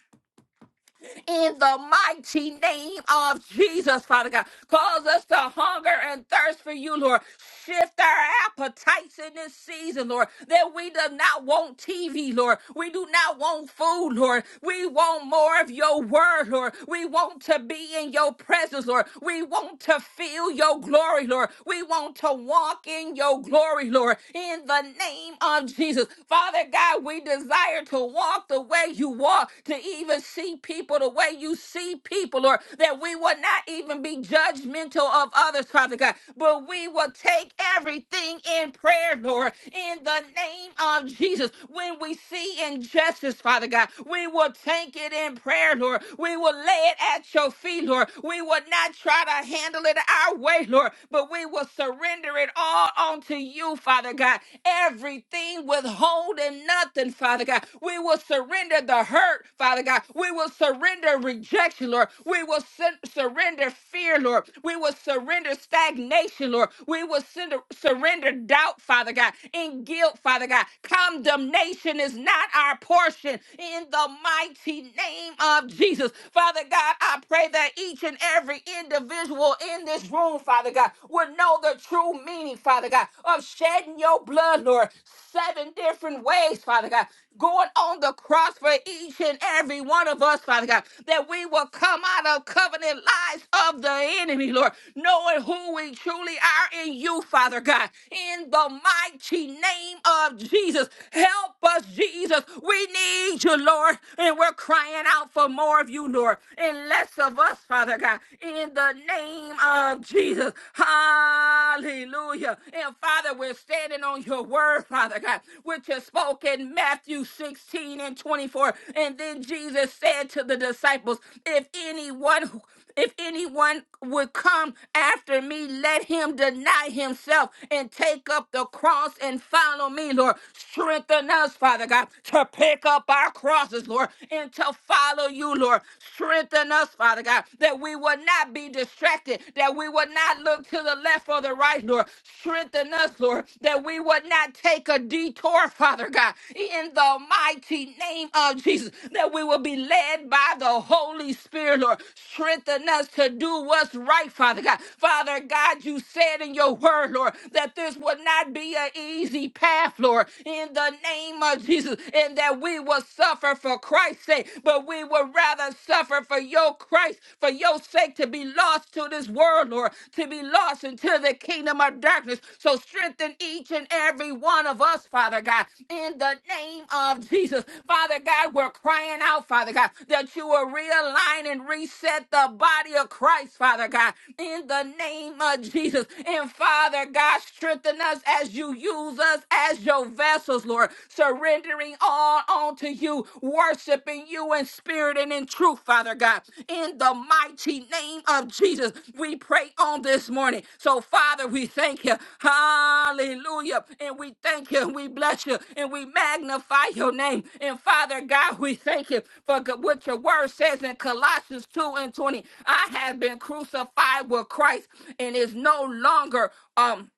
C: in the mighty name of Jesus, Father God. Cause us to hunger and thirst for you, Lord. Shift our appetites in this season, Lord, that we do not want TV, Lord. We do not want food, Lord. We want more of your word, Lord. We want to be in your presence, Lord. We want to feel your glory, Lord. We want to walk in your glory, Lord, in the name of Jesus. Father God, we desire to walk walk the way you walk, to even see people the way you see people, or that we will not even be judgmental of others, Father God, but we will take everything in prayer, Lord, in the name of Jesus. When we see injustice, Father God, we will take it in prayer, Lord. We will lay it at your feet, Lord. We will not try to handle it our way, Lord, but we will surrender it all onto you, Father God. Everything everything, withholding nothing, Father God. We will surrender the hurt, Father God. We will surrender rejection, Lord. We will sen- surrender fear, Lord. We will surrender stagnation, Lord. We will send- surrender doubt, Father God, and guilt, Father God. Condemnation is not our portion in the mighty name of Jesus. Father God, I pray that each and every individual in this room, Father God, would know the true true meaning, Father God, of shedding your blood, Lord, seven different ways, Father God, going on the cross for each and every one of us, Father God, that we will come out of covenant lies of the enemy, Lord, knowing who we truly are in you, Father God, in the mighty name of Jesus. Help us, Jesus. We need you, Lord, and we're crying out for more of you, Lord, and less of us, Father God, in the name name of Jesus. Hallelujah. And Father, we're standing on your word, Father God, which is spoken in Matthew 16 and 24. And then Jesus said to the disciples, if anyone who- if anyone would come after me, let him deny himself and take up the cross and follow me, Lord. Strengthen us, Father God, to pick up our crosses, Lord, and to follow you, Lord. Strengthen us, Father God, that we will not be distracted, that we will not look to the left or the right, Lord. Strengthen us, Lord, that we would not take a detour, Father God, in the mighty name of Jesus, that we will be led by the Holy Spirit, Lord. Strengthen us to do what's right, Father God. Father God, you said in your word, Lord, that this would not be an easy path, Lord, in the name of Jesus, and that we will suffer for Christ's sake, but we would rather suffer for your Christ, for your sake, to be lost to this world, Lord, to be lost into the kingdom of darkness. So strengthen each and every one of us, Father God, in the name of Jesus. Father God, we're crying out, Father God, that you will realign and reset the body of Christ, Father God, in the name of Jesus. And Father God, strengthen us as you use us as your vessels, Lord, surrendering all unto you, worshiping you in spirit and in truth, Father God. In the mighty name of Jesus, we pray on this morning. So, Father, we thank you. Hallelujah. And we thank you. We bless you. And we magnify your name. And, Father God, we thank you for what your word says in Colossians 2 and 20. I have been crucified with Christ and is no longer. um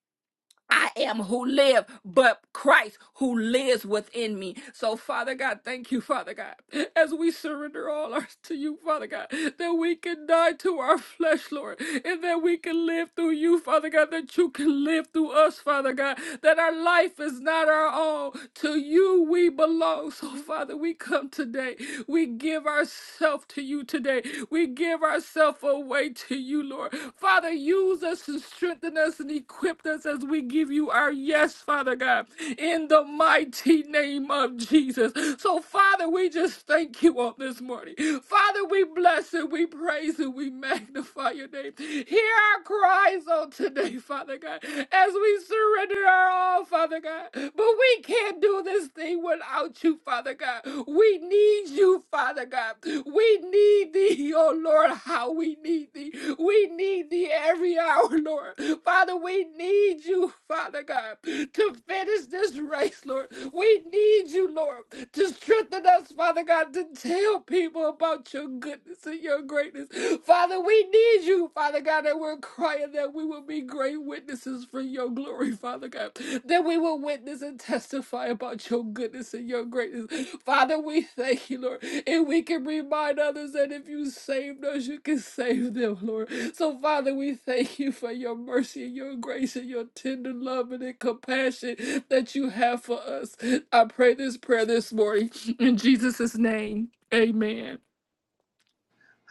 C: I am who live, but Christ who lives within me. So, Father God, thank you, Father God, as we surrender all ours to you, Father God, that we can die to our flesh, Lord, and that we can live through you, Father God, that you can live through us, Father God, that our life is not our own. To you we belong. So, Father, we come today. We give ourselves to you today. We give ourselves away to you, Lord. Father, use us and strengthen us us and equipped us as we give you our yes, Father God, in the mighty name of Jesus. So, Father, we just thank you on this morning. Father, we bless you, we praise you, we magnify your name. Hear our cries on today, Father God, as we surrender our all, Father God. But we can't do this thing without you, Father God. We need you, Father God. We need thee, oh Lord, how we need thee. We need thee every every hour, Lord. Father, we need you, Father God, to finish this race, Lord. We need you, Lord, to strengthen us, Father God, to tell people about your goodness and your greatness. Father, we need you, Father God, and we're crying that we will be great witnesses for your glory, Father God, that we will witness and testify about your goodness and your greatness. Father, we thank you, Lord, and we can remind others that if you saved us, you can save them, Lord. So, Father, we thank you for your mercy and your grace and your tender love and compassion that you have for us. I pray this prayer this morning in Jesus' name. Amen.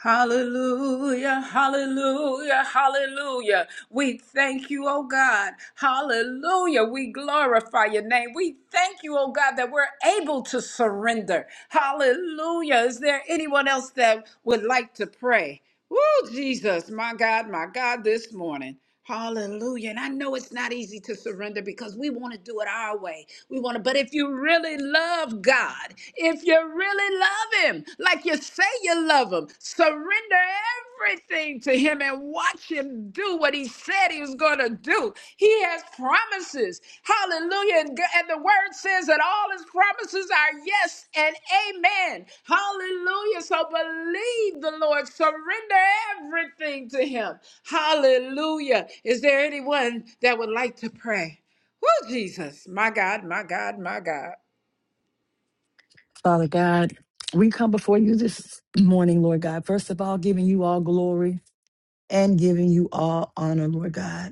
A: Hallelujah, hallelujah, hallelujah. We thank you, oh God. Hallelujah. We glorify your name. We thank you, oh God, that we're able to surrender. Hallelujah. Is there anyone else that would like to pray? Woo, Jesus, my God, my God, this morning. Hallelujah. And I know it's not easy to surrender because we want to do it our way. We want to, but if you really love God, if you really love Him, like you say you love Him, surrender everything to Him and watch Him do what He said He was going to do. He has promises. Hallelujah. And, G- and the word says that all his promises are yes and amen. Hallelujah. So believe the Lord. Surrender everything to him. Hallelujah. Is there anyone that would like to pray? Woo, Jesus. My God, my God, my God.
B: Father God, we come before you this morning, Lord God. First of all, giving you all glory and giving you all honor, Lord God.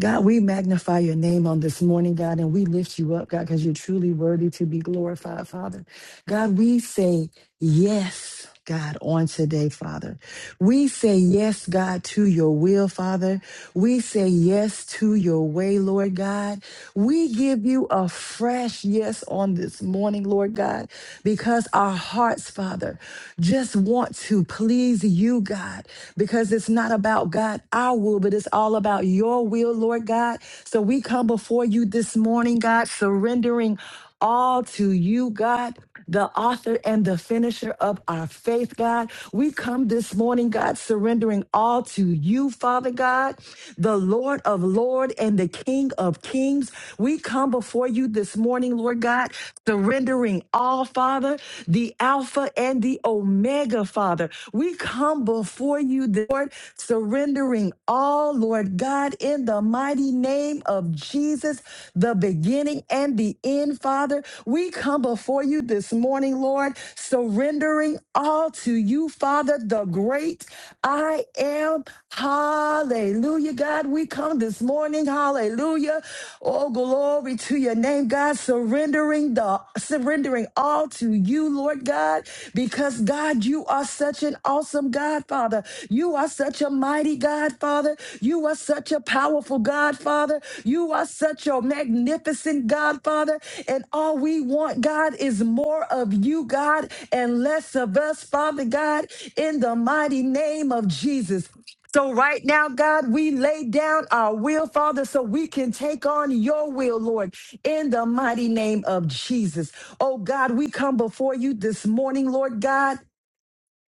B: God, we magnify your name on this morning, God, and we lift you up, God, because you're truly worthy to be glorified, Father. God, we say yes, God, on today, Father. We say yes, God, to your will, Father. We say yes to your way, Lord God. We give you a fresh yes on this morning, Lord God, because our hearts, Father, just want to please you, God, because it's not about God, our will will, but it's all about your will, Lord God. So we come before you this morning, God, surrendering all to you, God. The author and the finisher of our faith, God. We come this morning, God, surrendering all to you, Father God, the Lord of Lord and the King of Kings. We come before you this morning, Lord God, surrendering all, Father, the Alpha and the Omega, Father. We come before you, Lord, Lord, surrendering all, Lord God, in the mighty name of Jesus, the beginning and the end, Father. We come before you this morning, Lord, surrendering all to you, Father, the great I am. Hallelujah, God. We come this morning, hallelujah. Oh, glory to your name, God. Surrendering the surrendering all to you, Lord God, because God, you are such an awesome awesome God, Father. You are such a mighty God, Father. You are such a powerful God, Father. You are such a magnificent God, Father. And all we want, God, is more of you, God, and less of us, Father God, in the mighty name of Jesus. So, right now, God, we lay down our will, Father, so we can take on your will, Lord, in the mighty name of Jesus. Oh, God, we come before you this morning, Lord God.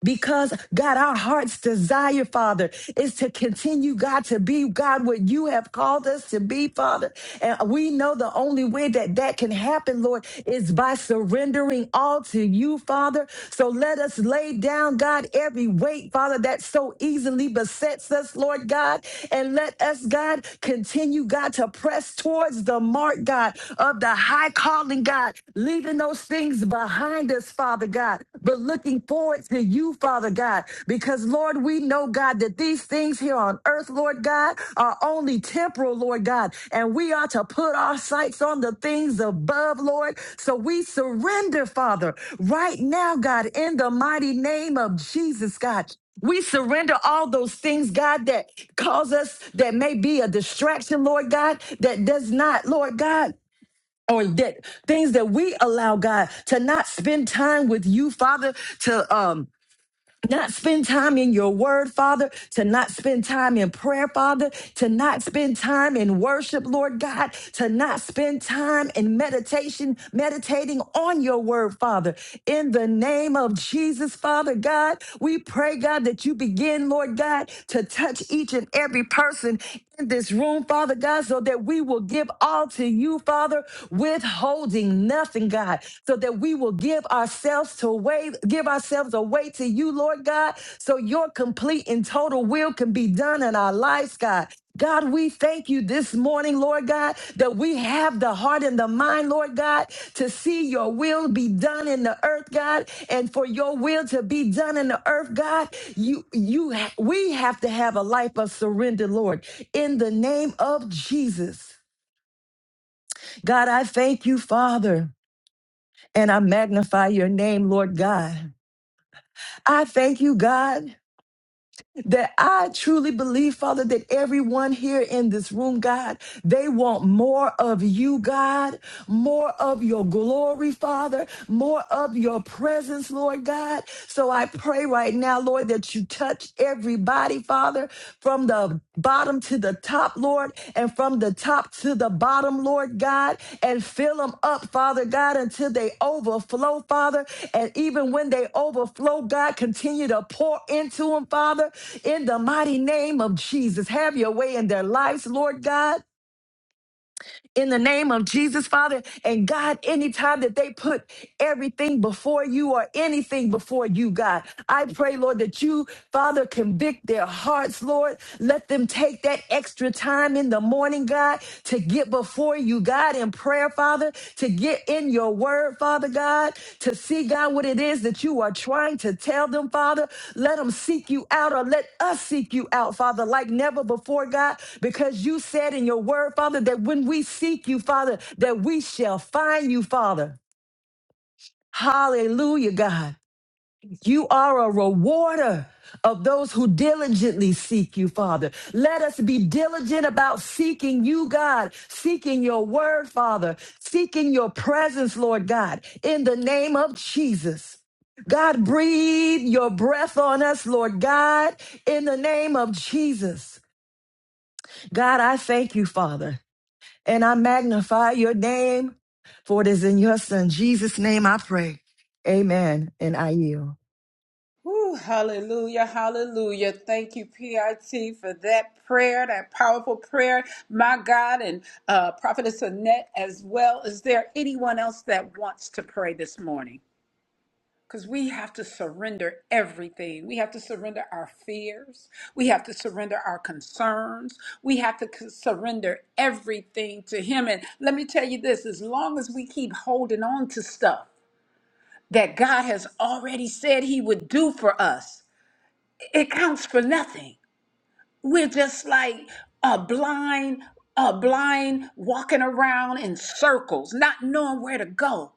B: Because God, our heart's desire, Father, is to continue, God, to be God what you have called us to be, Father. And we know the only way that that can happen, Lord, is by surrendering all to you, Father. So let us lay down, God, every weight, Father, that so easily besets us, Lord God. And let us, God, continue, God, to press towards the mark, God, of the high calling, God, leaving those things behind us, Father God, but looking forward to you, Father God, because Lord, we know, God, that these things here on earth, Lord God, are only temporal, Lord God, and we are to put our sights on the things above, Lord. So we surrender, Father, right now, God, in the mighty name of Jesus, God. We surrender all those things, God, that cause us, that may be a distraction, Lord God, that does not, Lord God or that things that we allow God to not spend time with you, Father, to um not spend time in your word, Father, to not spend time in prayer, Father, to not spend time in worship, Lord God, to not spend time in meditation, meditating on your word, Father. In the name of Jesus, Father God, we pray, God, that you begin, Lord God, to touch each and every person in this room, Father God, so that we will give all to you, Father, withholding nothing, God so that we will give ourselves to way, give ourselves away to you, Lord God, so your complete and total will can be done in our lives, God. God, we thank you this morning, Lord God, that we have the heart and the mind, Lord God, to see your will be done in the earth, God, and for your will to be done in the earth, God. You, you, ha- we have to have a life of surrender, Lord, in the name of Jesus. God, I thank you, Father. And I magnify your name, Lord God. I thank you, God. That I truly believe, Father, that everyone here in this room, God, they want more of you, God, more of your glory, Father, more of your presence, Lord God. So I pray right now, Lord, that you touch everybody, Father, from the bottom to the top, Lord, and from the top to the bottom, Lord God, and fill them up, Father God, until they overflow, Father. And even when they overflow, God, continue to pour into them, Father, in the mighty name of Jesus. Have your way in their lives, Lord God in the name of Jesus, Father. And God, anytime that they put everything before you or anything before you, God, I pray, Lord, that you, Father, convict their hearts, Lord. Let them take that extra time in the morning, God, to get before you, God, in prayer, Father. Father, to get in your word, Father God, to see, God, what it is that you are trying to tell them, Father. Let them seek you out or let us seek you out, Father, like never before, God, because you said in your word, Father, that when we seek you, Father, that we shall find you, Father. Hallelujah, God. You are a rewarder of those who diligently seek you, Father. Let us be diligent about seeking you, God, seeking your word, Father, seeking your presence, Lord God, in the name of Jesus. God, breathe your breath on us, Lord God, in the name of Jesus. God, I thank you, Father, and I magnify your name, for it is in your Son, Jesus' name, I pray. Amen. And I yield.
A: Whew, hallelujah, hallelujah. Thank you, PIT, for that prayer, that powerful prayer, my God, and uh, Prophetess Annette as well. Is there anyone else that wants to pray this morning? Because we have to surrender everything. We have to surrender our fears. We have to surrender our concerns. We have to c- surrender everything to Him. And let me tell you this as long as we keep holding on to stuff, that God has already said He would do for us it counts for nothing. We're just like a blind, a blind walking around in circles, not knowing where to go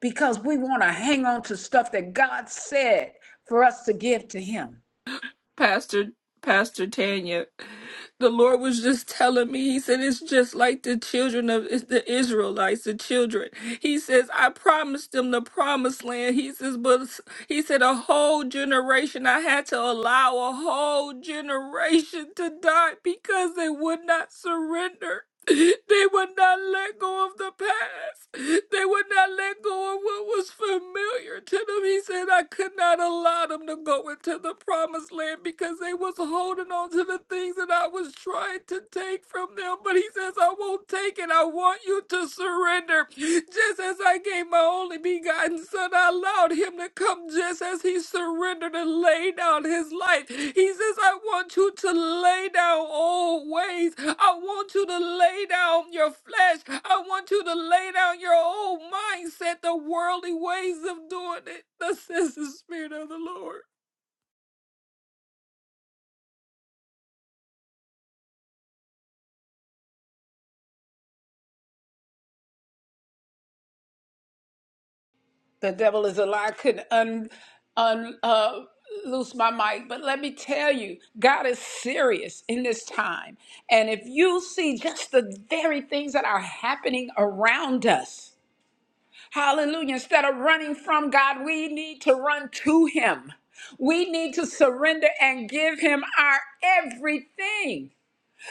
A: because we want to hang on to stuff that God said for us to give to Him.
C: Pastor Pastor Tanya. The Lord was just telling me, He said, it's just like the children of it's the Israelites, the children. He says, I promised them the promised land. He says, but he said, a whole generation, I had to allow a whole generation to die because they would not surrender. They would not let go of the past. They would not let go of what was familiar to them. He said, I could not allow them to go into the promised land because they was holding on to the things that I was trying to take from them. But he says, I won't take it. I want you to surrender. Just as I gave my gave my only begotten Son, I allowed him to come just as he surrendered and laid down his life. He says, I want you to lay down old ways. I want you to lay down your flesh. I want you to lay down your old mindset, the worldly ways of doing it. Thus says the Spirit of the Lord.
A: The devil is a lie. I couldn't un, un, uh, loose my mic, but let me tell you, God is serious in this time. And if you see just the very things that are happening around us, Hallelujah. Instead of running from God, we need to run to Him. We need to surrender and give Him our everything.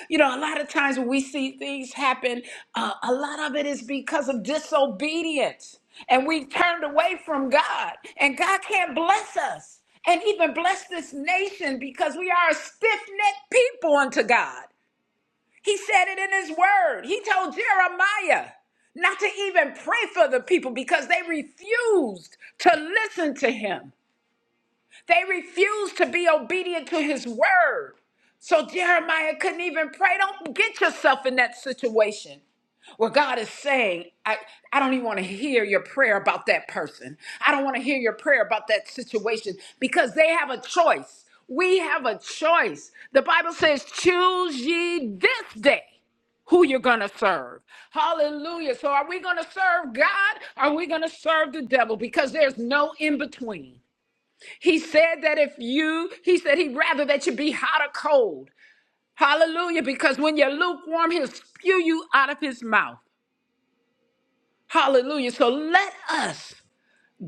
A: You know, a lot of times when we see things happen, uh, a lot of it is because of disobedience. And we turned away from God. And God can't bless us and even bless this nation because we are a stiff necked people unto God. He said it in his word. He told Jeremiah not to even pray for the people because they refused to listen to him. They refused to be obedient to his word. So Jeremiah couldn't even pray. Don't get yourself in that situation where God is saying, I, I don't even want to hear your prayer about that person. I don't want to hear your prayer about that situation because they have a choice. We have a choice. The Bible says, choose ye this day who you're going to serve. Hallelujah. So, are we going to serve God? Are we going to serve the devil? Because there's no in between. He said that if you, he said he'd rather that you be hot or cold. Hallelujah. Because when you're lukewarm, he'll spew you out of his mouth. Hallelujah. So, let us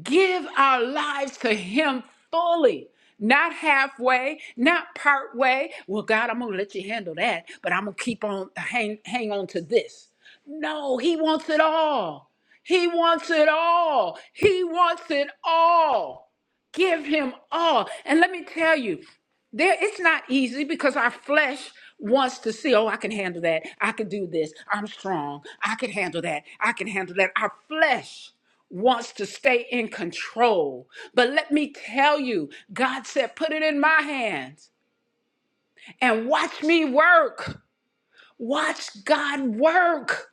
A: give our lives to Him fully, not halfway, not part way. Well, God, I'm gonna let you handle that, but I'm gonna keep on hang hang on to this. No, He wants it all. He wants it all. He wants it all. Give Him all. And let me tell you. There, it's not easy because our flesh wants to see, oh, I can handle that. I can do this. I'm strong. I can handle that. I can handle that. Our flesh wants to stay in control. But let me tell you, God said, put it in my hands and watch me work. Watch God work.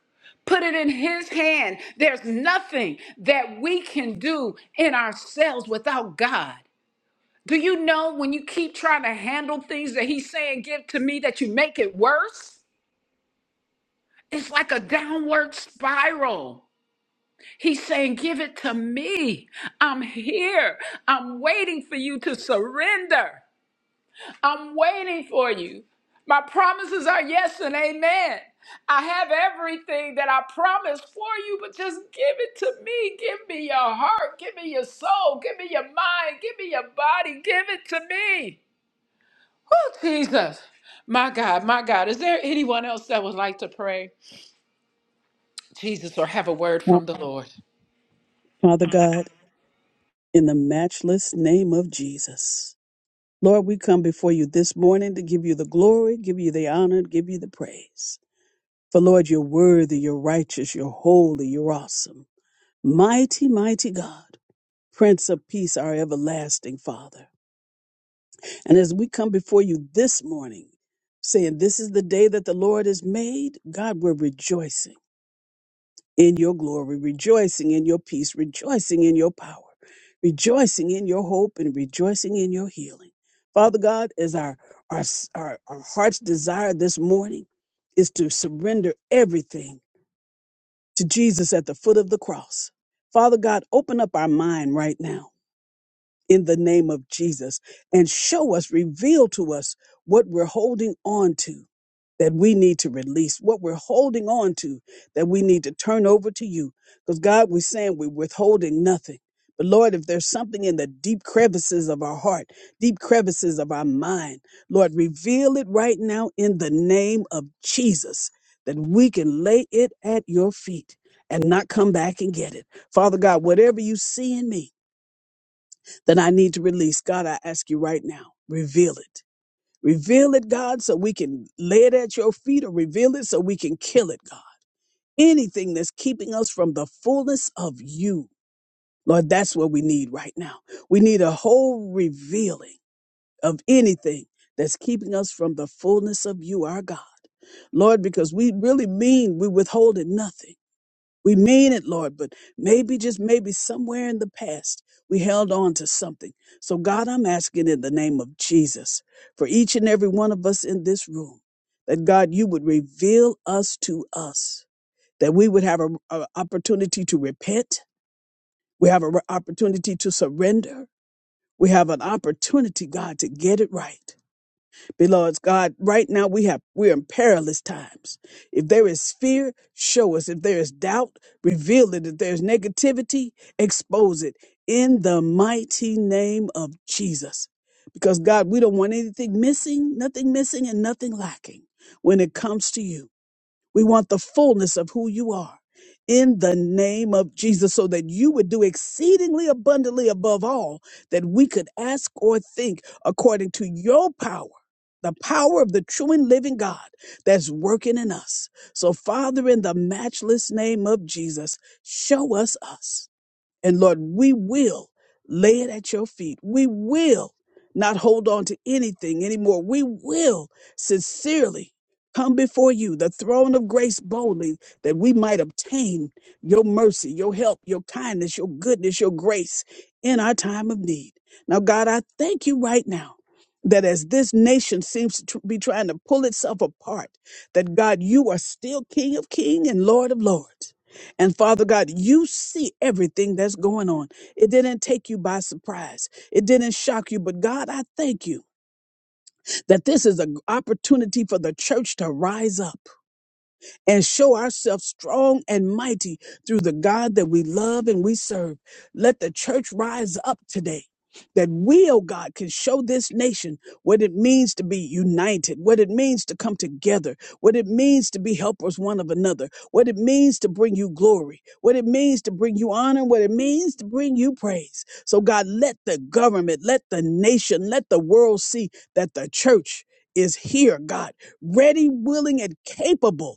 A: Put it in His hand. There's nothing that we can do in ourselves without God. Do you know when you keep trying to handle things that he's saying, give to me, that you make it worse? It's like a downward spiral. He's saying, give it to me. I'm here. I'm waiting for you to surrender. I'm waiting for you. My promises are yes and amen. I have everything that I promised for you, but just give it to me. Give me your heart. Give me your soul. Give me your mind. Give me your body. Give it to me. Oh, Jesus. My God, my God. Is there anyone else that would like to pray, Jesus, or have a word
D: Well,
A: from the Lord?
D: Father God, in the matchless name of Jesus. Lord, we come before you this morning to give you the glory, give you the honor, give you the praise. For Lord, you're worthy, you're righteous, you're holy, you're awesome. Mighty, mighty God, Prince of Peace, our everlasting Father. And as we come before you this morning, saying, This is the day that the Lord has made, God, we're rejoicing. in your glory, rejoicing in your peace, rejoicing in your power, rejoicing in your hope, and rejoicing in your healing. Father God, as our our, our, our heart's desire this morning is to surrender everything to Jesus at the foot of the cross. Father God, open up our mind right now in the name of Jesus and show us, reveal to us what we're holding on to that we need to release, what we're holding on to, that we need to turn over to you. Because God, we're saying we're withholding nothing. But Lord, if there's something in the deep crevices of our heart, deep crevices of our mind, Lord, reveal it right now in the name of Jesus, that we can lay it at your feet and not come back and get it. Father God, whatever you see in me that I need to release, God, I ask you right now, reveal it Reveal it, God, so we can lay it at your feet or reveal it so we can kill it, God. Anything that's keeping us from the fullness of you, Lord, that's what we need right now. We need a whole revealing of anything that's keeping us from the fullness of you, our God. Lord, because we really mean we withholding nothing. We mean it, Lord, but maybe, just maybe somewhere in the past, we held on to something. So, God, I'm asking in the name of Jesus for each and every one of us in this room that, God, you would reveal us to us, that we would have an opportunity to repent. We have an opportunity to surrender. We have an opportunity, God, to get it right. Beloved God, right now we have we're in perilous times. If there is fear, show us. If there is doubt, reveal it. If there's negativity, expose it in the mighty name of Jesus. Because God, we don't want anything missing, nothing missing and nothing lacking when it comes to you. We want the fullness of who you are in the name of Jesus, so that you would do exceedingly abundantly above all that we could ask or think according to your power. The power of the true and living God that's working in us. So, Father, in the matchless name of Jesus, show us us. And Lord, we will lay it at your feet. We will not hold on to anything anymore. We will sincerely come before you, the throne of grace boldly, that we might obtain your mercy, your help, your kindness, your goodness, your grace in our time of need. Now, God, I thank you right now. That as this nation seems to be trying to pull itself apart, that God, you are still King of King and Lord of Lords. And Father God, you see everything that's going on. It didn't take you by surprise. It didn't shock you. But God, I thank you that this is an opportunity for the church to rise up and show ourselves strong and mighty through the God that we love and we serve. Let the church rise up today. That we, oh God, can show this nation what it means to be united, what it means to come together, what it means to be helpers one of another, what it means to bring you glory, what it means to bring you honor, what it means to bring you praise. So, God, let the government, let the nation, let the world see that the church is here, God, ready, willing, and capable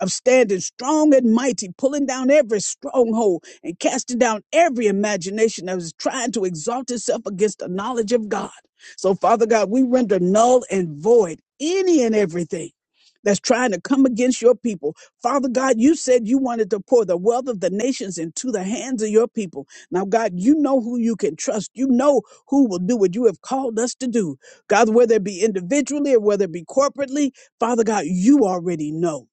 D: I'm standing strong and mighty, pulling down every stronghold and casting down every imagination that is trying to exalt itself against the knowledge of God. So, Father God, we render null and void any and everything that's trying to come against your people. Father God, you said you wanted to pour the wealth of the nations into the hands of your people. Now, God, you know who you can trust. You know who will do what you have called us to do. God, whether it be individually or whether it be corporately, Father God, you already know.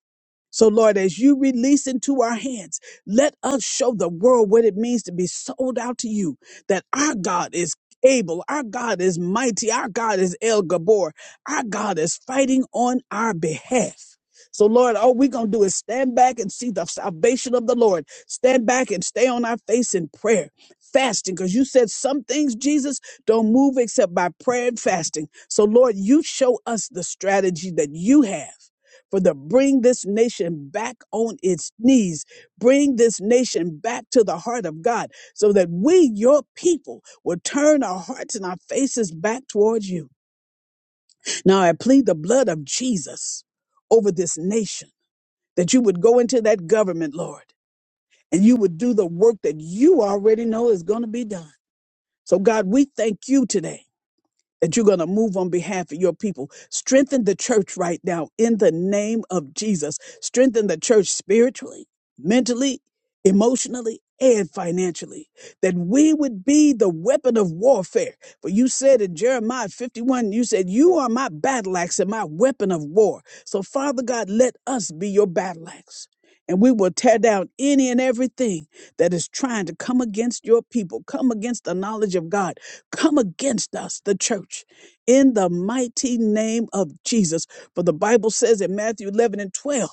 D: So, Lord, as you release into our hands, let us show the world what it means to be sold out to you, that our God is able, our God is mighty, our God is El Gabor, our God is fighting on our behalf. So, Lord, all we're going to do is stand back and see the salvation of the Lord. Stand back and stay on our face in prayer, fasting, because you said some things, Jesus, don't move except by prayer and fasting. So, Lord, you show us the strategy that you have for the bring this nation back on its knees, bring this nation back to the heart of God, so that we, your people, will turn our hearts and our faces back towards you. Now I plead the blood of Jesus over this nation, that you would go into that government, Lord, and you would do the work that you already know is going to be done. So, God, we thank you today that you're going to move on behalf of your people. Strengthen the church right now in the name of Jesus. Strengthen the church spiritually, mentally, emotionally, and financially. That we would be the weapon of warfare. For you said in Jeremiah 51, you said, You are my battle axe and my weapon of war. So, Father God, let us be your battle axe. And we will tear down any and everything that is trying to come against your people, come against the knowledge of God come against us, the church, in the mighty name of Jesus. For the Bible says in Matthew 11 and 12,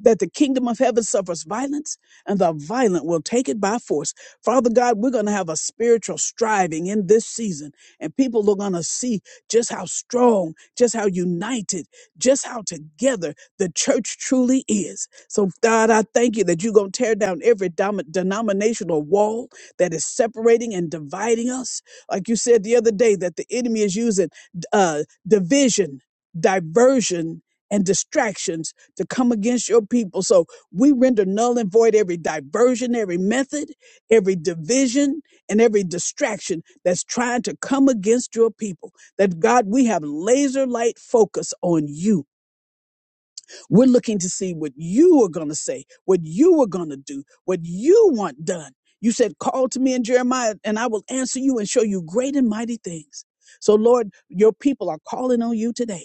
D: that the kingdom of heaven suffers violence and the violent will take it by force. Father God, we're going to have a spiritual striving in this season, and people are going to see just how strong, just how united, just how together the church truly is. So, God, I thank you that you're going to tear down every dom- denominational wall that is separating and dividing us. Like you said the other day, that the enemy is using uh, division, diversion, and distractions to come against your people. So we render null and void every diversion, every method, every division, and every distraction that's trying to come against your people. That God, we have laser light focus on you. We're looking to see what you are going to say, what you are going to do, what you want done. You said, Call to me in Jeremiah, and I will answer you and show you great and mighty things. So, Lord, your people are calling on you today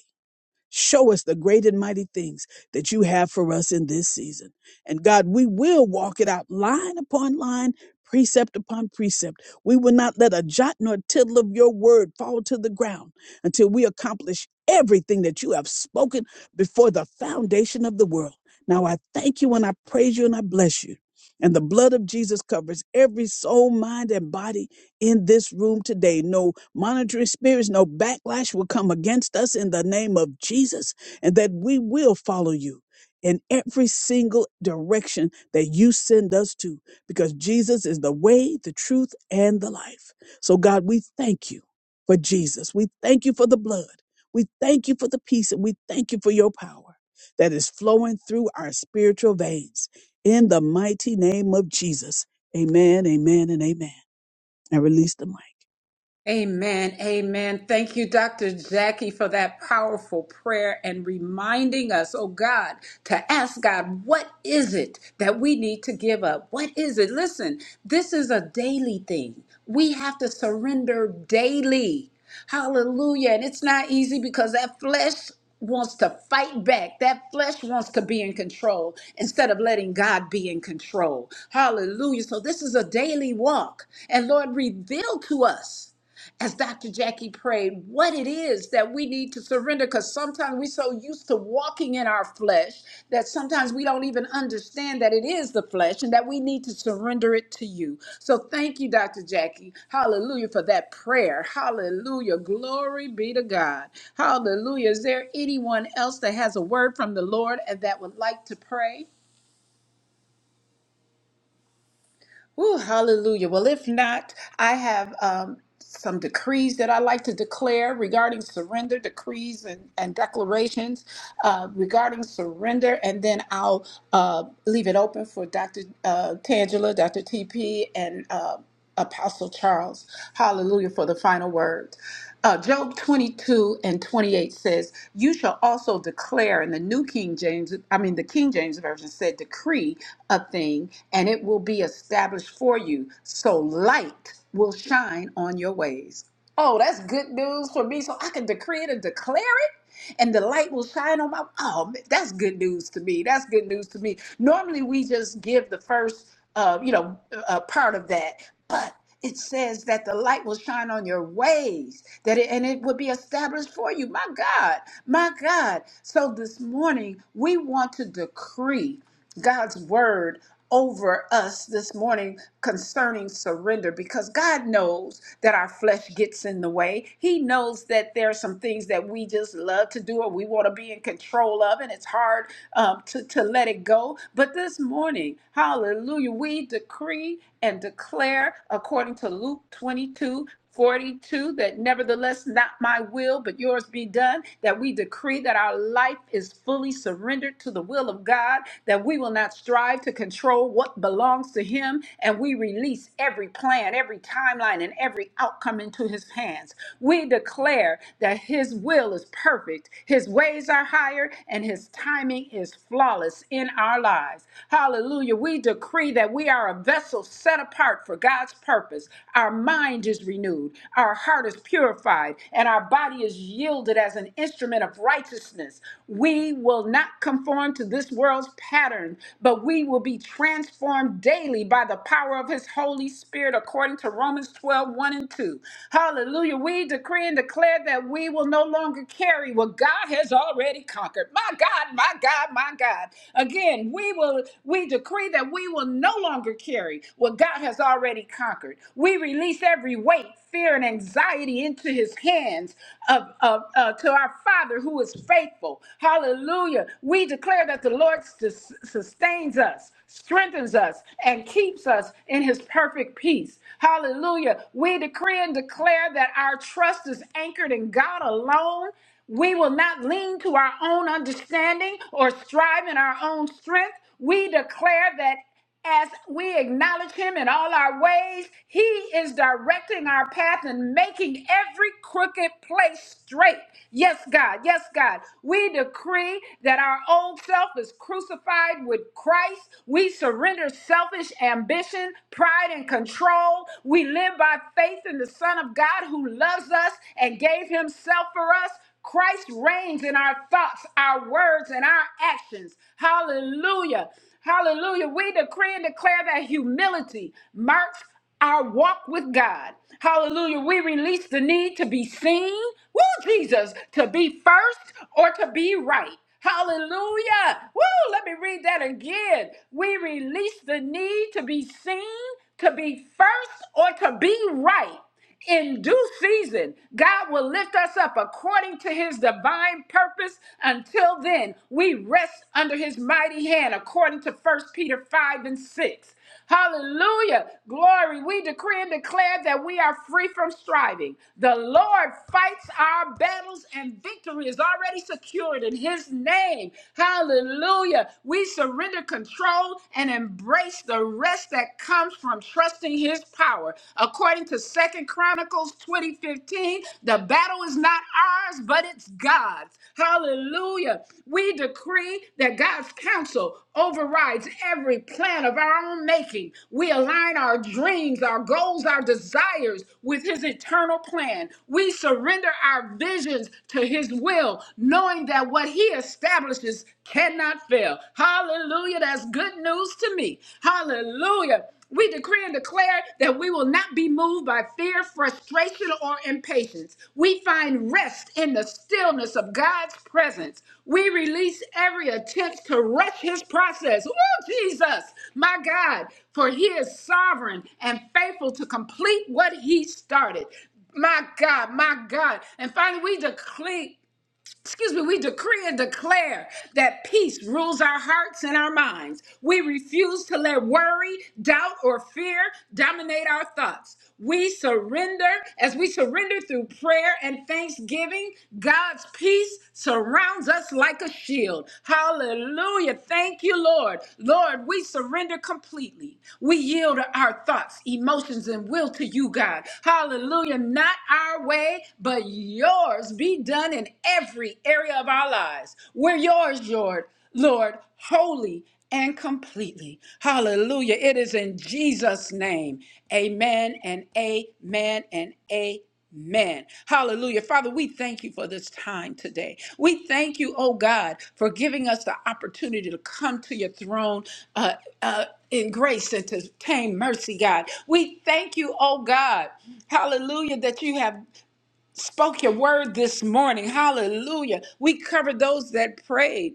D: Show us the great and mighty things that you have for us in this season. And God, we will walk it out line upon line, precept upon precept. We will not let a jot nor tittle of your word fall to the ground until we accomplish everything that you have spoken before the foundation of the world. Now I thank you and I praise you and I bless you. And the blood of Jesus covers every soul, mind, and body in this room today. No monitoring spirits, no backlash will come against us in the name of Jesus, and that we will follow you in every single direction that you send us to, because Jesus is the way, the truth, and the life. So, God, we thank you for Jesus. We thank you for the blood. We thank you for the peace, and we thank you for your power that is flowing through our spiritual veins. In the mighty name of Jesus. Amen, amen, and amen and release the mic.
A: Amen. Amen. Thank you, Dr. Jackie, for that powerful prayer and reminding us, oh God, to ask God, what is it that we need to give up? What is it? Listen, this is a daily thing. We have to surrender daily. Hallelujah. And it's not easy because that flesh wants to fight back. That flesh wants to be in control instead of letting God be in control. Hallelujah. So this is a daily walk. And Lord, reveal to us as Dr. Jackie prayed, what it is that we need to surrender because sometimes we're so used to walking in our flesh that sometimes we don't even understand that it is the flesh and that we need to surrender it to you. So thank you, Dr. Jackie. Hallelujah for that prayer. Hallelujah. Glory be to God. Hallelujah. Is there anyone else that has a word from the Lord and that would like to pray? Woo, hallelujah. Well, if not, I have um, some decrees that I like to declare regarding surrender, decrees and, and declarations uh, regarding surrender. And then I'll uh, leave it open for Dr. Uh, Tangela, Dr. TP, and uh, Apostle Charles. Hallelujah for the final word. Uh, Job 22 and 28 says, You shall also declare, in the New King James, I mean, the King James Version said, decree a thing, and it will be established for you. So light will shine on your ways. Oh, that's good news for me. So I can decree it and declare it, and the light will shine on my. Oh, man, that's good news to me. That's good news to me. Normally, we just give the first uh, you know, uh, part of that. But it says that the light will shine on your ways, that it, and it will be established for you. My God, my God. So this morning we want to decree God's word over us this morning concerning surrender because God knows that our flesh gets in the way. He knows that there are some things that we just love to do or we want to be in control of, and it's hard um, to, to let it go go. But this morning, hallelujah, we decree and declare according to Luke 22 42, that nevertheless not my will but yours be done that we decree that our life is fully surrendered to the will of God that we will not strive to control what belongs to him and we release every plan every timeline and every outcome into his hands we declare that his will is perfect his ways are higher and his timing is flawless in our lives. Hallelujah. We decree that we are a vessel set apart for God's purpose. Our mind is renewed, our heart is purified, and our body is yielded as an instrument of righteousness. We will not conform to this world's pattern, but we will be transformed daily by the power of his Holy Spirit according to Romans 12, one and 2. Hallelujah. We decree and declare that we will no longer longer carry what God has already conquered. My God, my God, my God. Again, we will we decree that we will no longer carry what God has already conquered. We release every weight, fear, and anxiety into his hands of, of uh, to our Father who is faithful. Hallelujah. We declare that the Lord sus- sustains us, strengthens us, and keeps us in his perfect peace. Hallelujah. We decree and declare that our our trust is anchored in God alone, we will not lean to our own understanding or strive in our own strength. We declare that as we acknowledge him in all our ways, he is directing our path and making every crooked place straight. Yes, God. Yes, God. We decree that our old self is crucified with Christ. We surrender selfish ambition, pride, and control. We. We live by faith in the Son of God who loves us and gave himself for us. Christ reigns in our thoughts, our words, and our actions. Hallelujah. Hallelujah. We decree and declare that humility marks our walk with God. Hallelujah. We release the need to be seen, woo, Jesus, to be first or to be right. Hallelujah. Woo, let me read that again. We release the need to be seen to be first or to be right in due season, God will lift us up according to his divine purpose. Until then, we rest under his mighty hand, according to First Peter 5 and 6. Hallelujah. Glory. We decree and declare that we are free from striving. The Lord fights our battles, and victory is already secured in his name. Hallelujah. We surrender control grow and embrace the rest that comes from trusting his power. According to Second Chronicles 20:15, the battle is not ours, but it's God's. Hallelujah. We decree that God's counsel overrides every plan of our own making. We align our dreams, our goals, our desires with his eternal plan. We surrender our visions to his will, knowing that what he establishes riches cannot fail. Hallelujah. That's good news to me. Hallelujah. We decree and declare that we will not be moved by fear, frustration, or impatience. We find rest in the stillness of God's presence. We release every attempt to rush his process. Oh, Jesus, my God, for he is sovereign and faithful to complete what he started. My God, my God. And finally, we decree excuse me, we decree and declare that peace rules our hearts and our minds. We refuse to let worry, doubt, or fear dominate our thoughts. We surrender, as we surrender through prayer and thanksgiving, God's peace surrounds us like a shield. Hallelujah. Thank you, Lord. Lord, we surrender completely. We yield our thoughts, emotions, and will to you, God. Hallelujah. Not our way, but yours yours be done in every area of our lives. We're yours, Lord, Lord, wholly and completely. Hallelujah. It is in Jesus' name. Amen and amen and amen. Amen. Hallelujah. Father, we thank you for this time today. We thank you, oh God, for giving us the opportunity to come to your throne uh, uh, in grace and to obtain mercy, God. We thank you, oh God, hallelujah, that you have spoke your word this morning. Hallelujah. We covered those that prayed.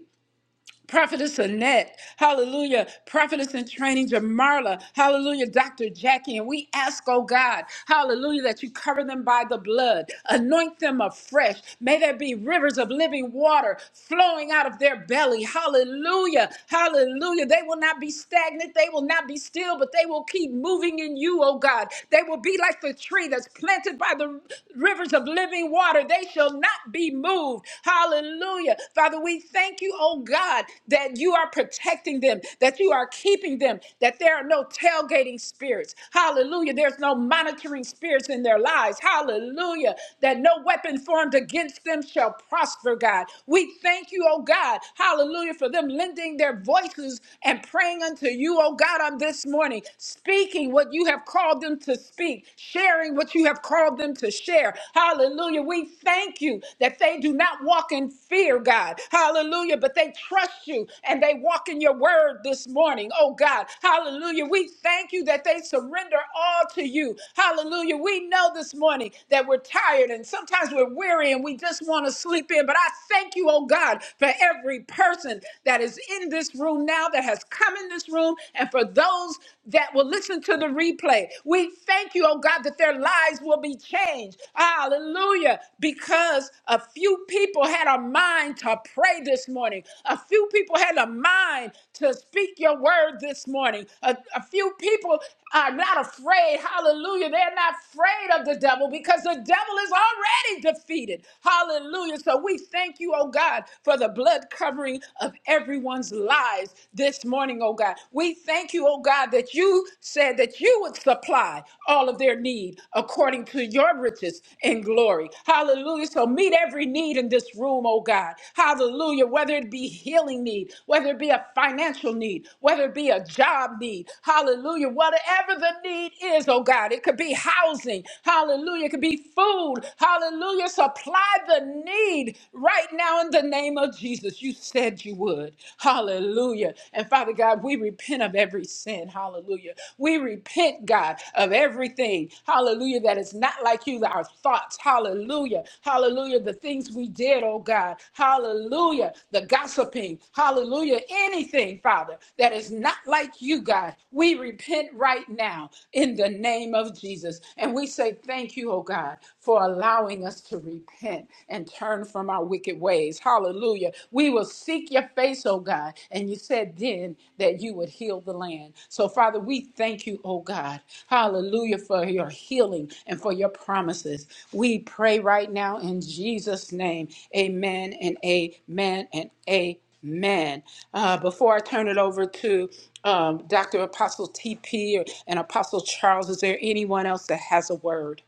A: Prophetess Annette, hallelujah. Prophetess in training, Jamarla, hallelujah. Dr. Jackie, and we ask, oh God, hallelujah, that you cover them by the blood, anoint them afresh. May there be rivers of living water flowing out of their belly, hallelujah, hallelujah. They will not be stagnant, they will not be still, but they will keep moving in you, oh God. They will be like the tree that's planted by the rivers of living water. They shall not be moved strong. Hallelujah. Father, we thank you, oh God, that you are protecting them, that you are keeping them, that there are no tailgating spirits. Hallelujah. There's no monitoring spirits in their lives. Hallelujah. That no weapon formed against them shall prosper, God. We thank you, oh God. Hallelujah. For them lending their voices and praying unto you, oh God, on this morning, speaking what you have called them to speak, sharing what you have called them to share share. Hallelujah. We thank you that they do not walk in fear, God. Hallelujah. But they trust you and they walk in your word this morning. Oh, God. Hallelujah. We thank you that they surrender all to you. Hallelujah. We know this morning that we're tired and sometimes we're weary and we just want to sleep in. But I thank you, oh, God, for every person that is in this room now, that has come in this room, and for those that will listen to the replay family. We thank you, oh God, that their lives will be changed. Hallelujah. Because a few people had a mind to pray this morning, a few people had a mind to speak your word this morning. A, a few people are not afraid. Hallelujah. They're not afraid of the devil because the devil is already defeated. Hallelujah. So we thank you, oh God, for the blood covering of everyone's lives this morning, oh God. God. We thank you, oh God, that you said that you would supply all of their need according to your riches and glory. Hallelujah. So meet every need in this room, oh God. Hallelujah. Whether it be healing need, whether it be a financial need, whether it be a job need. Hallelujah. Whatever the need is, oh God, it could be housing. Hallelujah. It could be food. Hallelujah. Supply the need right now in the name of Jesus. You said you would. Hallelujah. And Father God, we repent of every sin. Hallelujah. We repent, God, of everything. Hallelujah. That is not like you, our thoughts. Hallelujah. Hallelujah. The things we did, oh God. Hallelujah. The gossiping. Hallelujah. Anything, Father, that is not like you, God. We repent right now in the name of Jesus. And we say thank you, oh God, for allowing us to repent and turn from our wicked ways. Hallelujah. We will seek your face, oh God. And you said then that you would heal the land. So, Father, we thank you, oh God. Hallelujah for your healing and for your promises. We pray right now in Jesus' name. Amen and amen and amen. Uh, before I turn it over to um, Dr. Apostle TP or, and Apostle Charles, is there anyone else that has a word?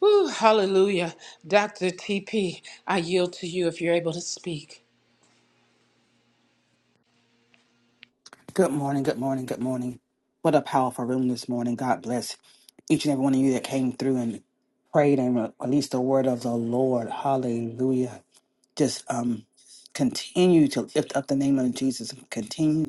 A: Whew, hallelujah. Dr. TP, I yield to you if you're able to speak.
E: Good morning, good morning, good morning. What a powerful room this morning. God bless each and every one of you that came through and prayed and re- released the word of the Lord. Hallelujah. Just um continue to lift up the name of Jesus. Continue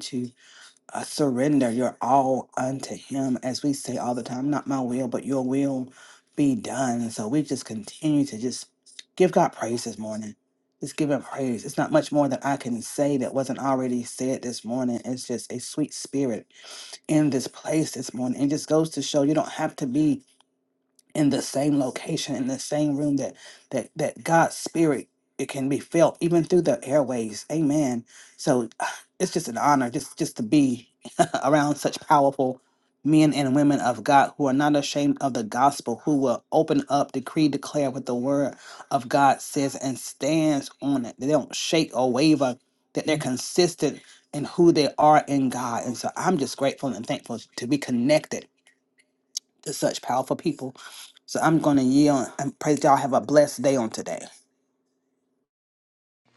E: uh, surrender your all unto Him, as we say all the time, not my will, but your will be done. And so we just continue to just give God praise this morning. Just give Him praise. It's not much more that I can say that wasn't already said this morning. It's just a sweet spirit in this place this morning. It just goes to show you don't have to be in the same location in the same room that that that god's spirit it can be felt even through the airways amen so *sighs* it's just an honor just just to be *laughs* around such powerful men and women of god who are not ashamed of the gospel who will open up decree declare what the word of god says and stands on it they don't shake or waver that they're Mhm. consistent in who they are in god and so i'm just grateful and thankful to be connected to such powerful people. So I'm going to yield and pray that y'all have a blessed day on today.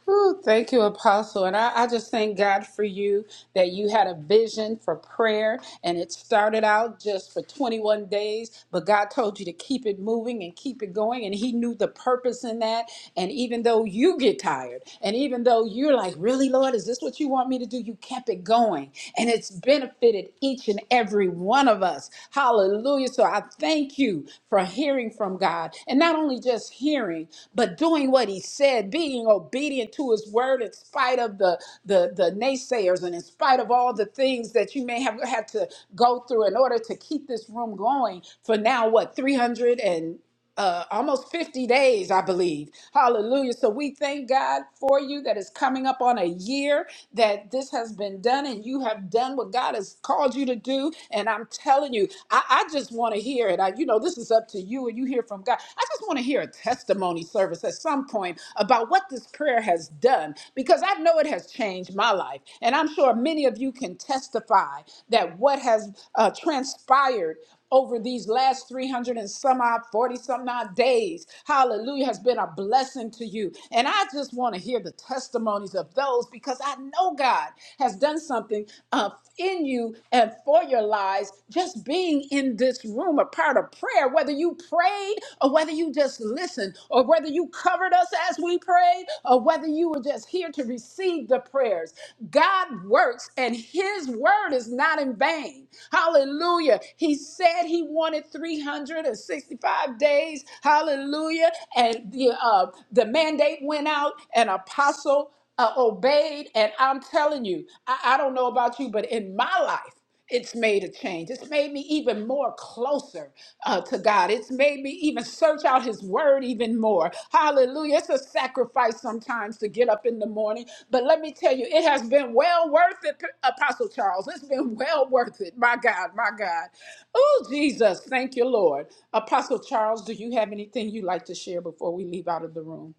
A: Ooh, thank you, Apostle. And I, I just thank God for you that you had a vision for prayer and it started out just for 21 days, but God told you to keep it moving and keep it going. And He knew the purpose in that. And even though you get tired, and even though you're like, really, Lord, is this what you want me to do? You kept it going. And it's benefited each and every one of us. Hallelujah. So I thank you for hearing from God. And not only just just hearing, but doing what he said, being obedient to his word in spite of the, the, the naysayers and in spite of all the things that you may have had to go through in order to keep this room going for now, what, 300 and uh, almost 50 days, I believe. Hallelujah. So we thank God for you that is coming up on a year that this has been done and you have done what God has called you to do. And I'm telling you, I, I just want to to hear it. I, you know, this is up to you and you hear from God. I just want to hear a testimony service at some point about what this prayer has done because I know it has changed my life. And I'm sure many of you can testify that what has uh, transpired over these last 300 and some odd 40 some odd days hallelujah has been a blessing to you and i just want to hear the testimonies of those because i know god has done something uh, in you you and for your lives, just being in this room, a part of prayer, whether you prayed or whether you just listened or whether you covered us as we prayed or whether you were just here to receive the prayers. God works and his word is not in vain. Hallelujah. He said he wanted 365 days. Hallelujah. And the uh, the mandate went out and apostle uh, obeyed. And I'm telling you, I, I don't know about you, but in my life, it's made a change. It's made me even more closer uh, to God. It's made me even search out His Word even more. Hallelujah. It's a sacrifice sometimes to get up in the morning. But let me tell you, it has been well worth it, P- Apostle Charles. It's been well worth it. My God, my God. Oh, Jesus. Thank you, Lord. Apostle Charles, do you have anything you'd like to share before we leave out of the room?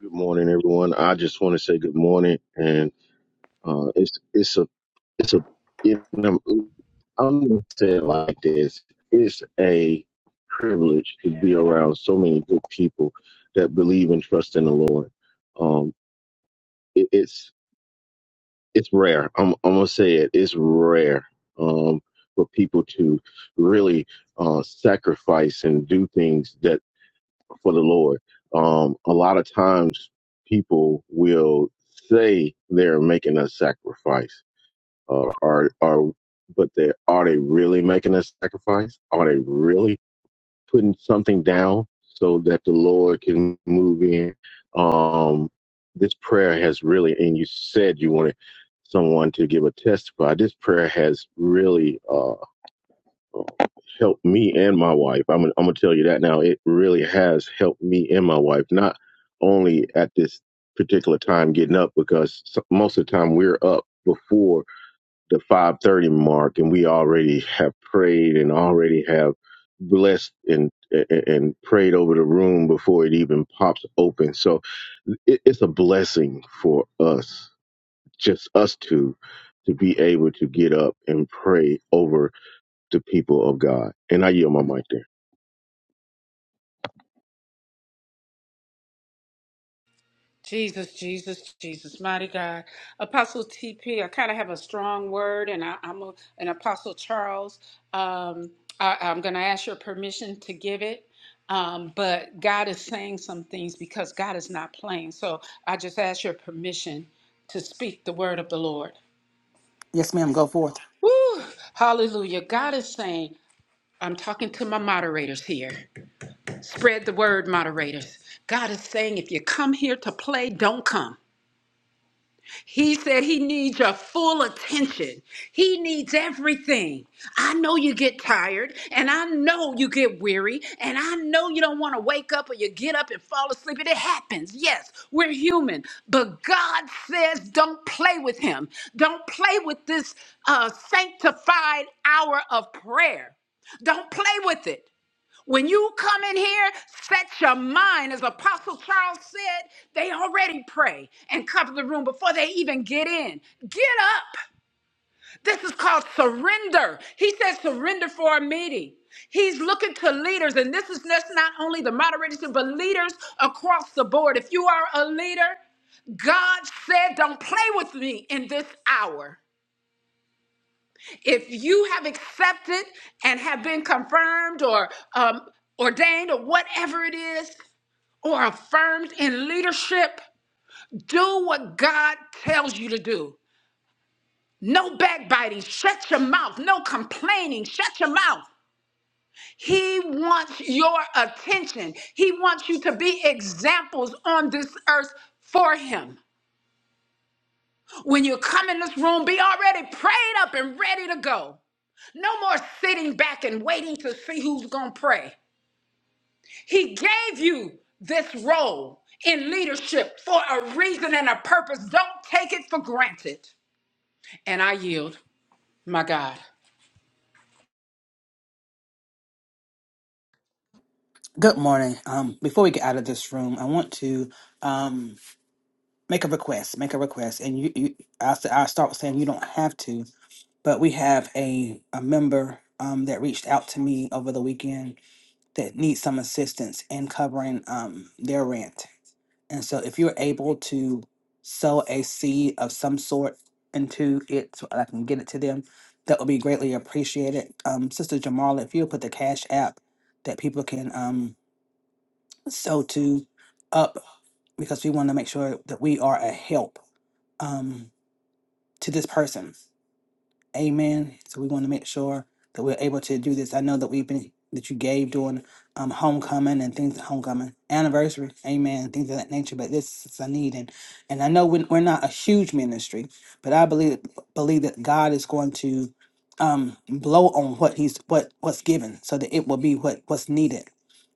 F: Good morning, everyone. I just want to say good morning, and uh, it's it's a it's a you know, I'm gonna say it like this. It's a privilege to be around so many good people that believe and trust in the Lord. Um, it, it's it's rare. I'm I'm gonna say it. It's rare um, for people to really uh, sacrifice and do things that for the Lord. Um, a lot of times people will say they're making a sacrifice, uh, or, or, but they are they really making a sacrifice? Are they really putting something down so that the Lord can move in? Um, this prayer has really, and you said you wanted someone to give a testify. This prayer has really. uh, helped me and my wife. I'm, I'm gonna tell you that now. It really has helped me and my wife, not only at this particular time getting up, because so, most of the time we're up before the 5:30 mark, and we already have prayed and already have blessed and and and prayed over the room before it even pops open. So it, it's a blessing for us, just us two, to be able to get up and pray over the people of God. And I yield my mic there.
A: Jesus, Jesus, Jesus, mighty God. Apostle TP, I kind of have a strong word, and I, I'm a, an Apostle Charles. Um, I, I'm going to ask your permission to give it. Um, but God is saying some things because God is not playing. So I just ask your permission to speak the word of the Lord.
E: Yes, ma'am, go forth.
A: Woo! Hallelujah. God is saying, I'm talking to my moderators here. Spread the word, moderators. God is saying, if you come here to play, don't come. He said he needs your full attention. He needs everything. I know you get tired, and I know you get weary, and I know you don't want to wake up or you get up and fall asleep. And it happens. Yes, we're human. But God says, don't play with him. Don't play with this uh, sanctified hour of prayer. Don't play with it. When you come in here, set your mind, as Apostle Charles said, they already pray and cover the room before they even get in. Get up. This is called surrender. He says surrender for a meeting. He's looking to leaders, and this is just not only the moderators, but leaders across the board. If you are a leader, God said, Don't play with me in this hour. If you have accepted and have been confirmed or um, ordained or whatever it is, or affirmed in leadership, do what God tells you to do. No backbiting, shut your mouth. No complaining, shut your mouth. He wants your attention. He wants you to be examples on this earth for Him. When you come in this room, be already prayed up and ready to go. No more sitting back and waiting to see who's going to pray. He gave you this role in leadership for a reason and a purpose. Don't take it for granted. And I yield, my God.
E: Good morning. Um, before we get out of this room, I want to um, make a request. Make a request, and you, you I, s- I start with saying you don't have to, but we have a a member um, that reached out to me over the weekend that needs some assistance in covering um, their rent. And so if you're able to sow a seed of some sort into it so I can get it to them, that would be greatly appreciated. Um, Sister Jamal, if you'll put the cash app that people can um, sow to up because we want to make sure that we are a help um, to this person Amen. So we want to make sure that we're able to do this. I know that we've been that you gave during um homecoming and things homecoming anniversary. Amen. Things of that nature. But this is a need and and I know we- we're not a huge ministry, but I believe believe that God is going to um blow on what he's what what's given so that it will be what what's needed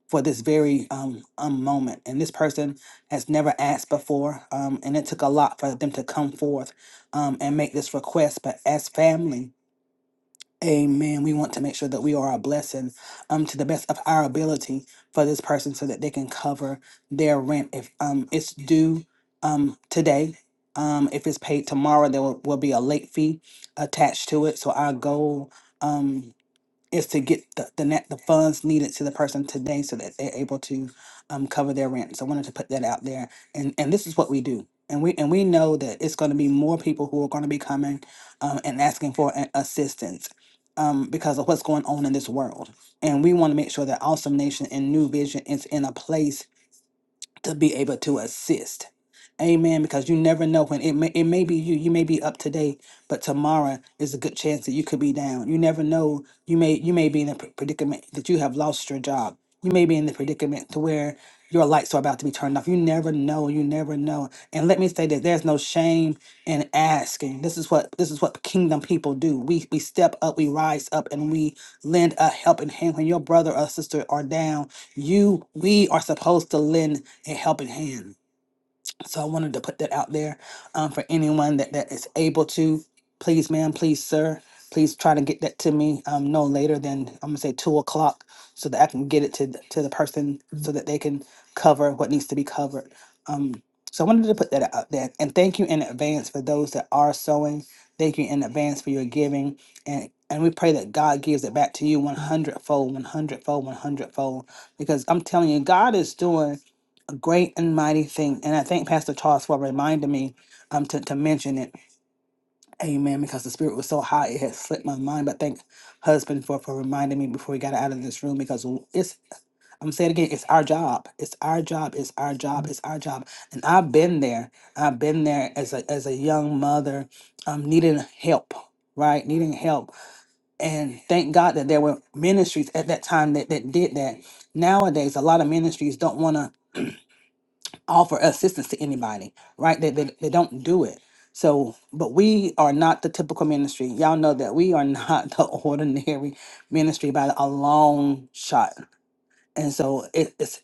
E: for this very um, um moment and this person has never asked before um and it took a lot for them to come forth um and make this request but as family Amen. We want to make sure that we are a blessing um to the best of our ability for this person so that they can cover their rent if um it's due um today. Um if it's paid tomorrow there will, will be a late fee attached to it. So our goal um is to get the the, net, the funds needed to the person today so that they're able to um, cover their rent. So I wanted to put that out there, and and this is what we do, and we and we know that it's going to be more people who are going to be coming um, and asking for a- assistance um, because of what's going on in this world, and we want to make sure that Awesome Nation and New Vision is in a place to be able to assist. Amen. Because you never know when it may it may be you. You may be up today, but tomorrow is a good chance that you could be down. You never know. You may you may be in a pr- predicament that you have lost your job. You may be in the predicament to where your lights are about to be turned off. You never know. You never know. And let me say that there's no shame in asking. This is what this is what kingdom people do. We we step up, we rise up, and we lend a helping hand when your brother or sister are down. You we are supposed to lend a helping hand. So I wanted to put that out there um, for anyone that, that is able to. Please, ma'am, please, sir, please try to get that to me um, no later than I'm gonna say two o'clock, so that I can get it to the, to the person so that they can cover what needs to be covered. Um, so I wanted to put that out there, and thank you in advance for those that are sewing. Thank you in advance for your giving, and and we pray that God gives it back to you 100 fold, 100 fold, 100 fold, because I'm telling you, God is doing great and mighty thing. And I thank Pastor Charles for reminding me um to, to mention it. Amen. Because the spirit was so high, it had slipped my mind. But thank husband for for reminding me before we got out of this room because it's I'm saying it again, it's our job. It's our job. It's our job. It's our job. And I've been there. I've been there as a as a young mother, um, needing help, right? Needing help. And thank God that there were ministries at that time that, that did that. Nowadays, a lot of ministries don't want to offer assistance to anybody, right? They, they, they don't do it. So, but we are not the typical ministry. Y'all know that we are not *laughs* the ordinary ministry by a long shot. And so it, it's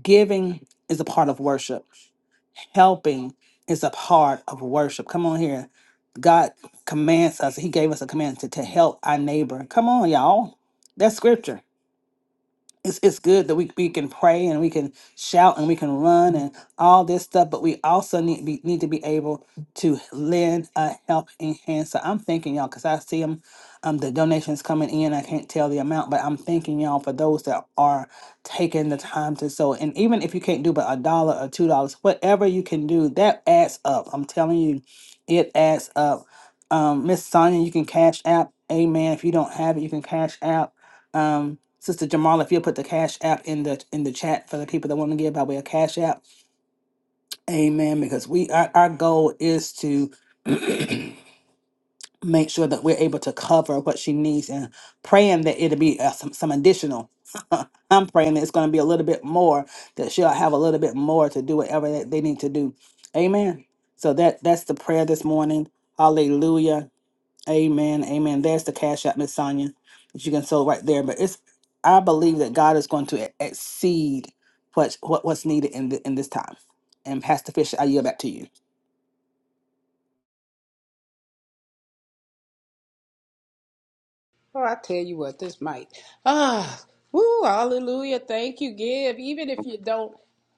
E: giving is a part of worship, helping is a part of worship. Come on here. God commands us, He gave us a command to, to help our neighbor. Come on, y'all. That's scripture it's, it's good that we, we can pray and we can shout and we can run and all this stuff, but we also need be, need to be able to lend a helping hand. So I'm thanking y'all because I see them, um, the donations coming in. I can't tell the amount, but I'm thanking y'all for those that are taking the time to sow. And even if you can't do but a dollar or two dollars, whatever you can do, that adds up. I'm telling you, it adds up. Um, Miss Sonia, you can cash app. Amen. If you don't have it, you can cash app um, Sister Jamal, if you'll put the Cash App in the in the chat for the people that want to give by way of Cash App, Amen. Because we our, our goal is to make sure that we're able to cover what she needs and praying that it'll be uh, some some additional. *laughs* I'm praying that it's going to be a little bit more that she'll have a little bit more to do whatever that they need to do. Amen. So that that's the prayer this morning. Hallelujah. Amen. Amen. There's the cash app, Miss Sonia, that you can sell right there. But it's I believe that God is going to e- exceed what's what, what's needed in the, in this time. And Pastor Fisher, I yield back to you.
A: Oh, I tell you what, this might. Ah, woo, hallelujah. Thank you, give. Even if you don't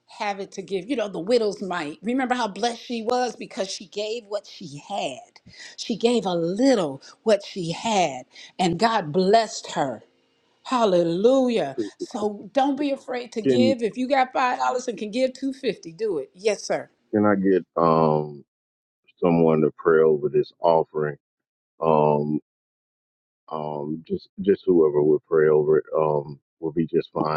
A: have it to give, you know, the widow's mite. Remember how blessed she was because she gave what she had. She gave a little what she had, and God blessed her. Hallelujah. So don't be afraid to
F: Can
A: give. If you got five dollars and can give two fifty, do it. Yes, sir.
F: can I get um someone to pray over this offering? Um um just just whoever would pray over it um will be just fine.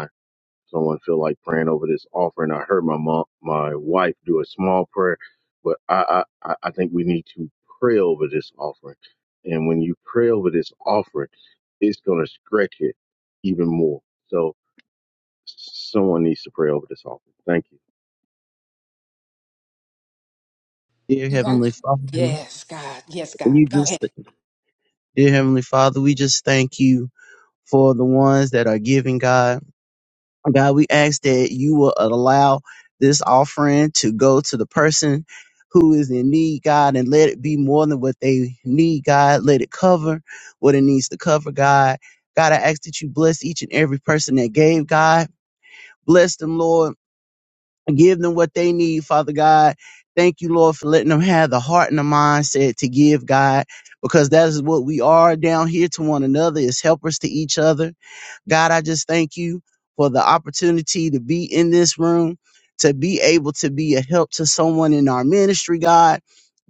F: Someone feel like praying over this offering. I heard my mom, my wife do a small prayer, but I, I, I I think we need to pray over this offering. And when you pray over this offering, it's going to stretch it even more. So someone needs to pray over this offering. Thank you.
G: Dear Heavenly Father,
A: Yes, God. Yes, God.
G: you
A: Go ahead.
G: just, dear Heavenly Father, we just thank you for the ones that are giving, God. God, we ask that you will allow this offering to go to the person who is in need, God, and let it be more than what they need, God. Let it cover what it needs to cover, God. God, I ask that you bless each and every person that gave, God. Bless them, Lord give them what they need, Father God. Thank you, Lord, for letting them have the heart and the mindset to give, God, because that is what we are down here to one another, is helpers to each other. God, I just thank you for the opportunity to be in this room, to be able to be a help to someone in our ministry, God.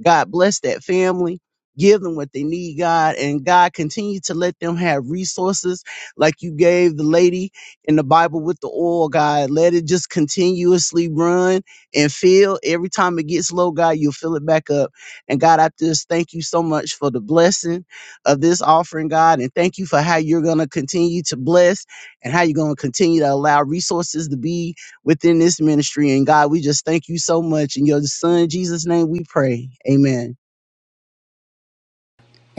G: God, bless that family. Give them what they need, God. And God, continue to let them have resources like you gave the lady in the Bible with the oil, God. Let it just continuously run and fill. Every time it gets low, God, you'll fill it back up. And God, I just thank you so much for the blessing of this offering, God. And thank you for how you're going to continue to bless and how you're going to continue to allow resources to be within this ministry. And God, we just thank you so much. In your son, Jesus' name, we pray. Amen.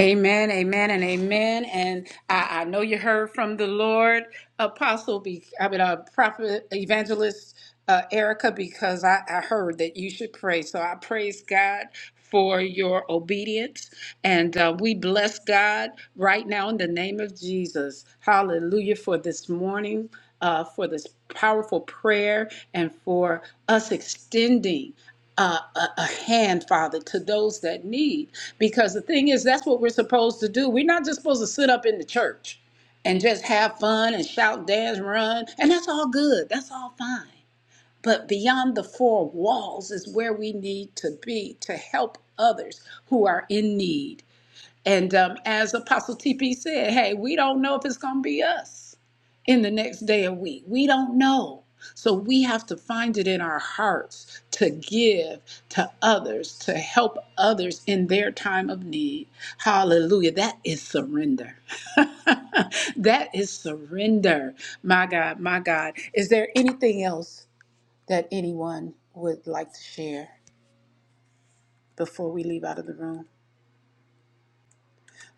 A: Amen, amen, and amen. And I, I know you heard from the Lord, Apostle, be, I mean, uh, Prophet, Evangelist uh, Erica, because I, I heard that you should pray. So I praise God for your obedience. And uh, we bless God right now in the name of Jesus. Hallelujah for this morning, uh, for this powerful prayer, and for us extending uh, a, a hand, Father, to those that need. Because the thing is, that's what we're supposed to do. We're not just supposed to sit up in the church and just have fun and shout, dance, run. And that's all good, that's all fine. But beyond the four walls is where we need to be to help others who are in need. And um, as Apostle TP said, hey, we don't know if it's going to be us in the next day or week. We don't know. So we have to find it in our hearts to give to others, to help others in their time of need. Hallelujah. That is surrender. *laughs* that is surrender. My God, my God. Is there anything else that anyone would like to share before we leave out of the room?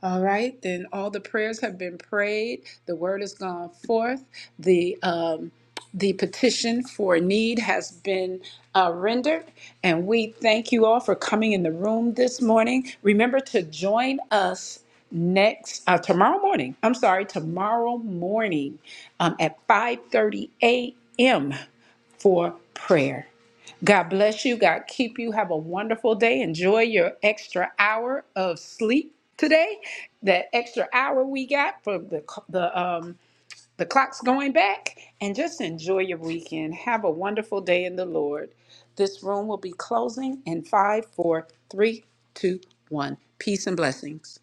A: All right, then all the prayers have been prayed. The word has gone forth. The um, the petition for need has been uh, rendered, and we thank you all for coming in the room this morning. Remember to join us next uh, tomorrow morning. I'm sorry, tomorrow morning um, at 5:30 a.m. for prayer. God bless you. God keep you. Have a wonderful day. Enjoy your extra hour of sleep today. That extra hour we got from the c- the um the clock's going back, and just enjoy your weekend. Have a wonderful day in the Lord. This room will be closing in five, four, three, two, one. Peace and blessings.